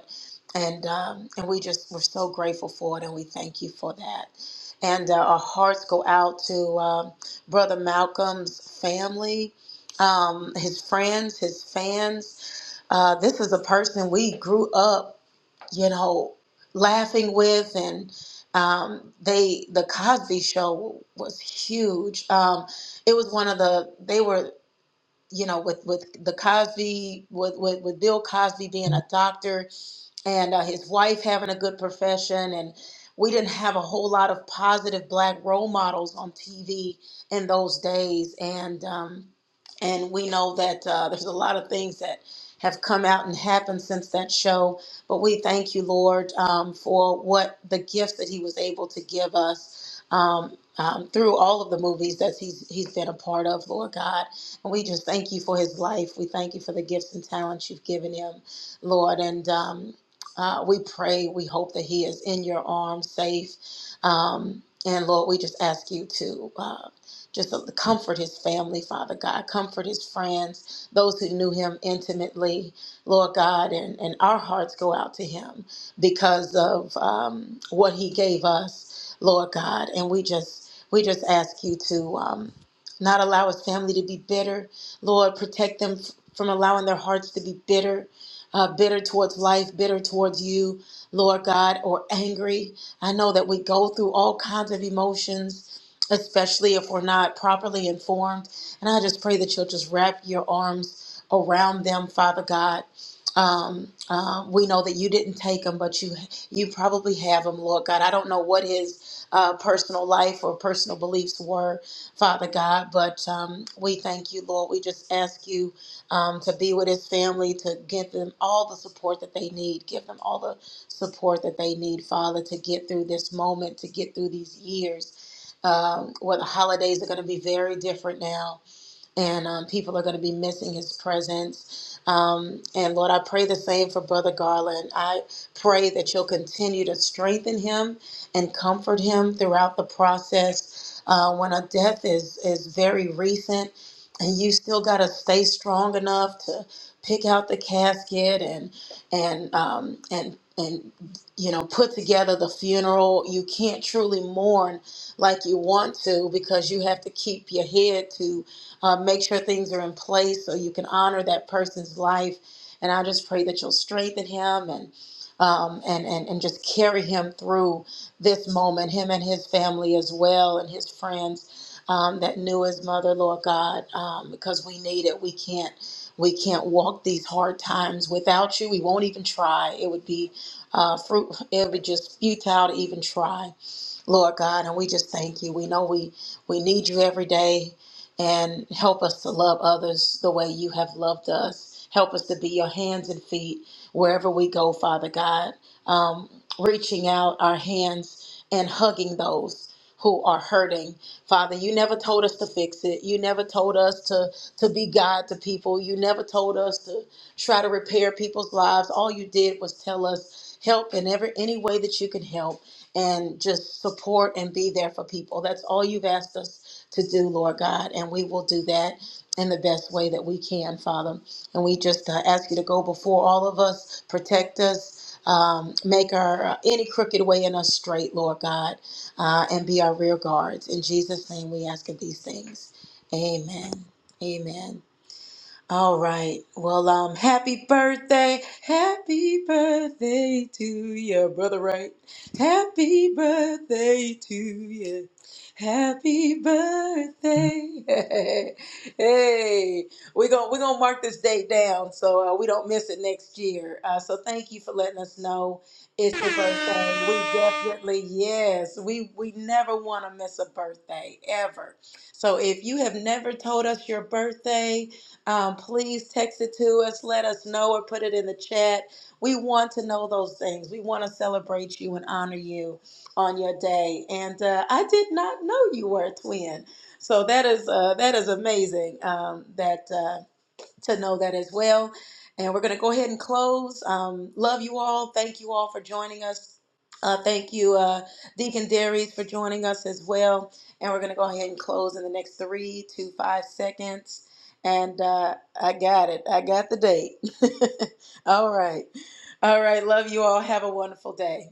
D: and um, and we just we're so grateful for it, and we thank you for that. And uh, our hearts go out to um Brother Malcolm's family, um, his friends, his fans. Uh, this is a person we grew up, you know, laughing with, and um, they the Cosby Show was huge. Um, it was one of the they were. You know, with with the Cosby, with, with with Bill Cosby being a doctor, and uh, his wife having a good profession and we didn't have a whole lot of positive black role models on TV in those days and um, and we know that uh, there's a lot of things that have come out and happened since that show but we thank you Lord um, for what the gift that he was able to give us um, um, through all of the movies that he's he's been a part of Lord God and we just thank you for his life we thank you for the gifts and talents you've given him Lord. And um, uh, we pray, we hope that he is in your arms, safe. Um, and Lord, we just ask you to uh, just uh, comfort his family, Father God, comfort his friends, those who knew him intimately, Lord God, and, and our hearts go out to him because of um, what he gave us, Lord God. And we just we just ask you to um, not allow his family to be bitter, Lord, protect them f- from allowing their hearts to be bitter uh, bitter towards life, bitter towards you, Lord God, or angry. I know that we go through all kinds of emotions, especially if we're not properly informed. And I just pray that you'll just wrap your arms around them, Father God. Um, uh, we know that you didn't take him, but you you probably have him, Lord God. I don't know what his uh, personal life or personal beliefs were, Father God, but um, we thank you, Lord. We just ask you um, to be with his family, to give them all the support that they need. Give them all the support that they need, Father, to get through this moment, to get through these years. Um, where the holidays are going to be very different now and um, people are going to be missing his presence. Um, and Lord, I pray the same for Brother Garland. I pray that you'll continue to strengthen him and comfort him throughout the process. Uh, when a death is is very recent, and you still got to stay strong enough to pick out the casket and and um, and and you know put together the funeral, you can't truly mourn like you want to because you have to keep your head to uh, make sure things are in place so you can honor that person's life. And I just pray that you'll strengthen him and um, and, and and just carry him through this moment, him and his family as well, and his friends um, that knew his mother, Lord God, um, because we need it. We can't we can't walk these hard times without you. We won't even try. It would be uh, fruit. It would be just futile to even try. Lord God, and we just thank you. We know we we need you every day and help us to love others the way you have loved us. Help us to be your hands and feet wherever we go, Father God. Um, reaching out our hands and hugging those who are hurting. Father, you never told us to fix it. You never told us to to be God to people. You never told us to try to repair people's lives. All you did was tell us help in every any way that you can help and just support and be there for people. That's all you've asked us to do, Lord God, and we will do that in the best way that we can, Father. And we just uh, ask you to go before all of us, protect us, um, make our uh, any crooked way in us straight, Lord God, uh, and be our rear guards. In Jesus' name, we ask of these things. Amen. Amen. All right. Well, um, happy birthday. Happy birthday to you, brother Right. Happy birthday to you. Happy birthday. hey, we're going we're gonna mark this date down so uh, we don't miss it next year. Uh, so thank you for letting us know it's your birthday. We definitely, yes, we, we never want to miss a birthday, ever. So if you have never told us your birthday, um, please text it to us, let us know, or put it in the chat. We want to know those things. We want to celebrate you and honor you on your day. And uh, I did not know you were a twin. So that is uh, that is amazing. Um, that. Uh, to know that as well. And we're going to go ahead and close. Um, love you all. Thank you all for joining us. Uh, thank you, uh, Deacon Darius, for joining us as well. And we're going to go ahead and close in the next three to five seconds. And uh, I got it. I got the date. all right. All right. Love you all. Have a wonderful day.